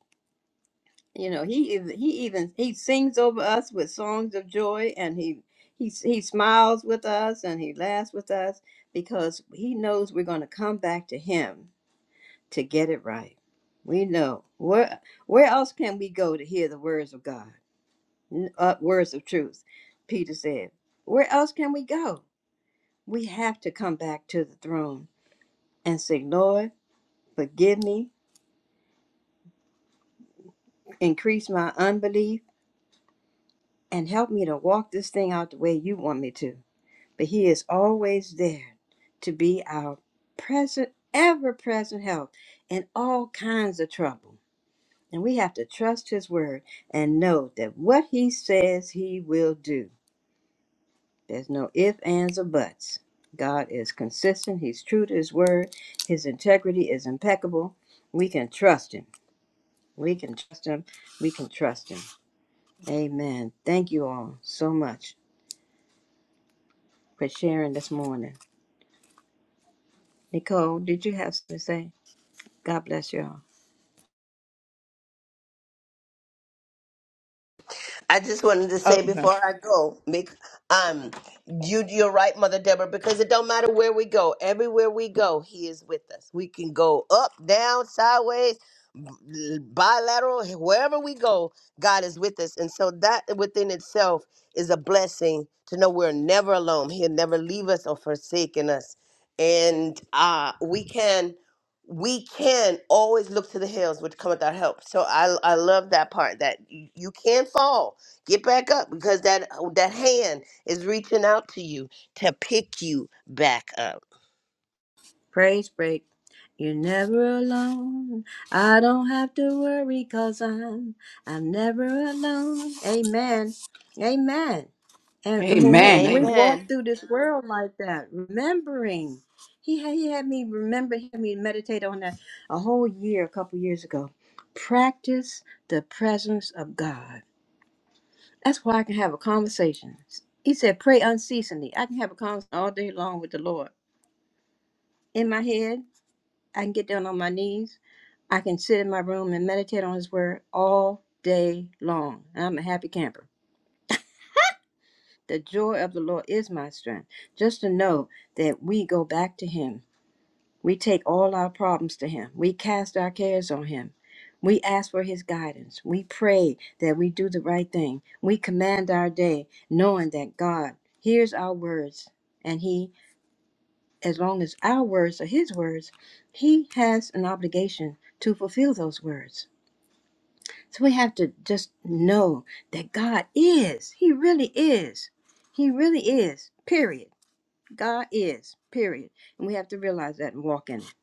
[SPEAKER 3] You know, he even he even he sings over us with songs of joy, and he he he smiles with us, and he laughs with us because he knows we're going to come back to him to get it right. We know where where else can we go to hear the words of God, N- uh, words of truth? Peter said, "Where else can we go? We have to come back to the throne and say, Lord, forgive me, increase my unbelief, and help me to walk this thing out the way you want me to." But He is always there to be our present, ever-present help in all kinds of trouble. And we have to trust his word and know that what he says he will do. There's no ifs, ands, or buts. God is consistent. He's true to his word. His integrity is impeccable. We can trust him. We can trust him. We can trust him. Amen. Thank you all so much for sharing this morning. Nicole, did you have something to say? God bless you all.
[SPEAKER 6] I just wanted to
[SPEAKER 1] Oh,
[SPEAKER 6] say
[SPEAKER 1] no.
[SPEAKER 6] before I go, make um you you're right, Mother Deborah, because it don't matter where we go, everywhere we go, he is with us. We can go up, down, sideways, b- bilateral, wherever we go, God is with us. And so that within itself is a blessing to know we're never alone. He'll never leave us or forsaken us. And uh we can we can always look to the hills which cometh our help. So I I love that part that y- you can fall Get back up because that uh, that hand is reaching out to you to pick you back up.
[SPEAKER 3] Praise break. You're never alone. I don't have to worry cause I'm I'm never alone. Amen. Amen. And, and when we,
[SPEAKER 8] Amen.
[SPEAKER 3] when we
[SPEAKER 8] Amen.
[SPEAKER 3] walk
[SPEAKER 6] Amen.
[SPEAKER 3] through this world like that, remembering, he had, he had me remember, he had me meditate on that a whole year, a couple years ago. Practice the presence of God. That's why I can have a conversation. He said, pray unceasingly. I can have a conversation all day long with the Lord in my head. I can get down on my knees. I can sit in my room and meditate on His Word all day long. I'm a happy camper. The joy of the Lord is my strength. Just to know that we go back to Him. We take all our problems to Him. We cast our cares on Him. We ask for His guidance. We pray that we do the right thing. We command our day knowing that God hears our words and He, as long as our words are His words, He has an obligation to fulfill those words. So we have to just know that God is. He really is. He really is. Period. God is. Period. And we have to realize that and walk in it.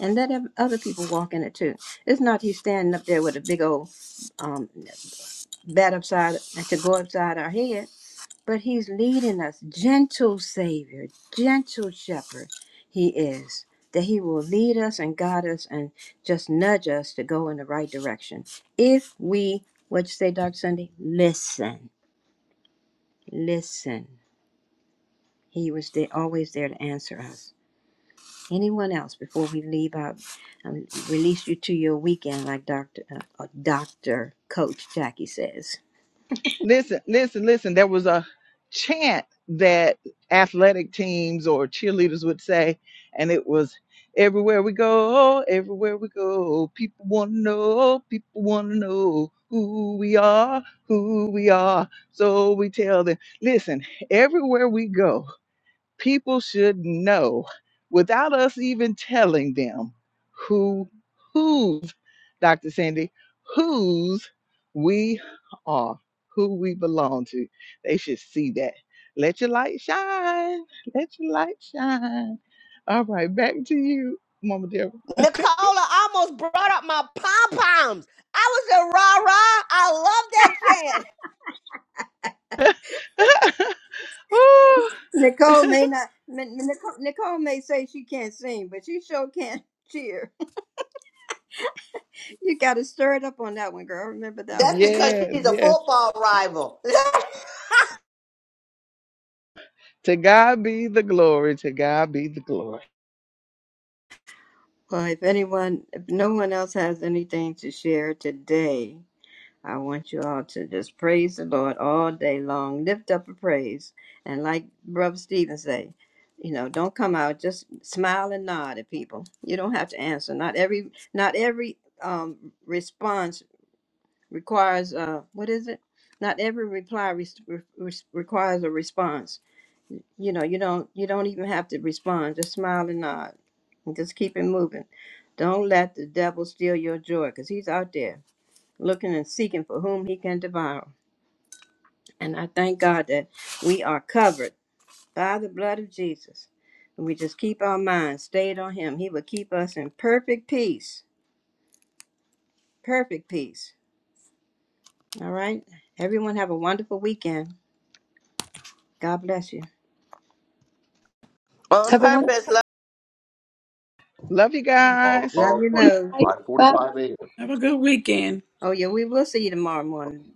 [SPEAKER 3] And let ev- other people walk in it too. It's not he's standing up there with a big old um, bat upside to go upside our head but he's leading us gentle savior gentle shepherd he is that he will lead us and guide us and just nudge us to go in the right direction if we what you say dr sunday listen listen he was there, always there to answer us anyone else before we leave out um, release you to your weekend like dr uh, uh, dr coach jackie says
[SPEAKER 1] Listen, listen, listen. There was a chant that athletic teams or cheerleaders would say, and it was everywhere we go, everywhere we go, people want to know, people want to know who we are, who we are. So we tell them, listen, everywhere we go, people should know without us even telling them who whose dr sandy whose we are who we belong to they should see that let your light shine let your light shine all right back to you mama deborah
[SPEAKER 6] Nicola almost brought up my pom poms. I was a rah rah. I love that chant.
[SPEAKER 1] Woo.
[SPEAKER 3] Nicole may not. N- Nicole, Nicole may say she can't sing, but she sure can cheer. You got to stir it up on that one, girl. Remember that one.
[SPEAKER 6] That's because
[SPEAKER 1] yes
[SPEAKER 6] she's a
[SPEAKER 1] yes
[SPEAKER 6] football rival.
[SPEAKER 1] to god be the glory to god be the glory
[SPEAKER 3] Well, if anyone, if no one else has anything to share today, I want you all to just praise the Lord all day long. Lift up a praise, and like Brother Stephen say, you know, don't come out. Just smile and nod at people. You don't have to answer. Not every, not every um response requires uh what is it not every reply res- re- requires a response you know you don't you don't even have to respond just smile and nod and just keep it moving don't let the devil steal your joy because he's out there looking and seeking for whom he can devour and i thank god that we are covered by the blood of jesus and we just keep our minds stayed on him he will keep us in perfect peace perfect peace all right everyone have a wonderful weekend god bless you
[SPEAKER 6] On purpose,
[SPEAKER 1] love you
[SPEAKER 10] All
[SPEAKER 1] guys
[SPEAKER 10] tomorrow
[SPEAKER 3] Love you,
[SPEAKER 10] morning,
[SPEAKER 3] Lou.
[SPEAKER 10] 5:45 a.m.
[SPEAKER 8] Have a good weekend.
[SPEAKER 3] Oh, yeah, we will see you tomorrow morning.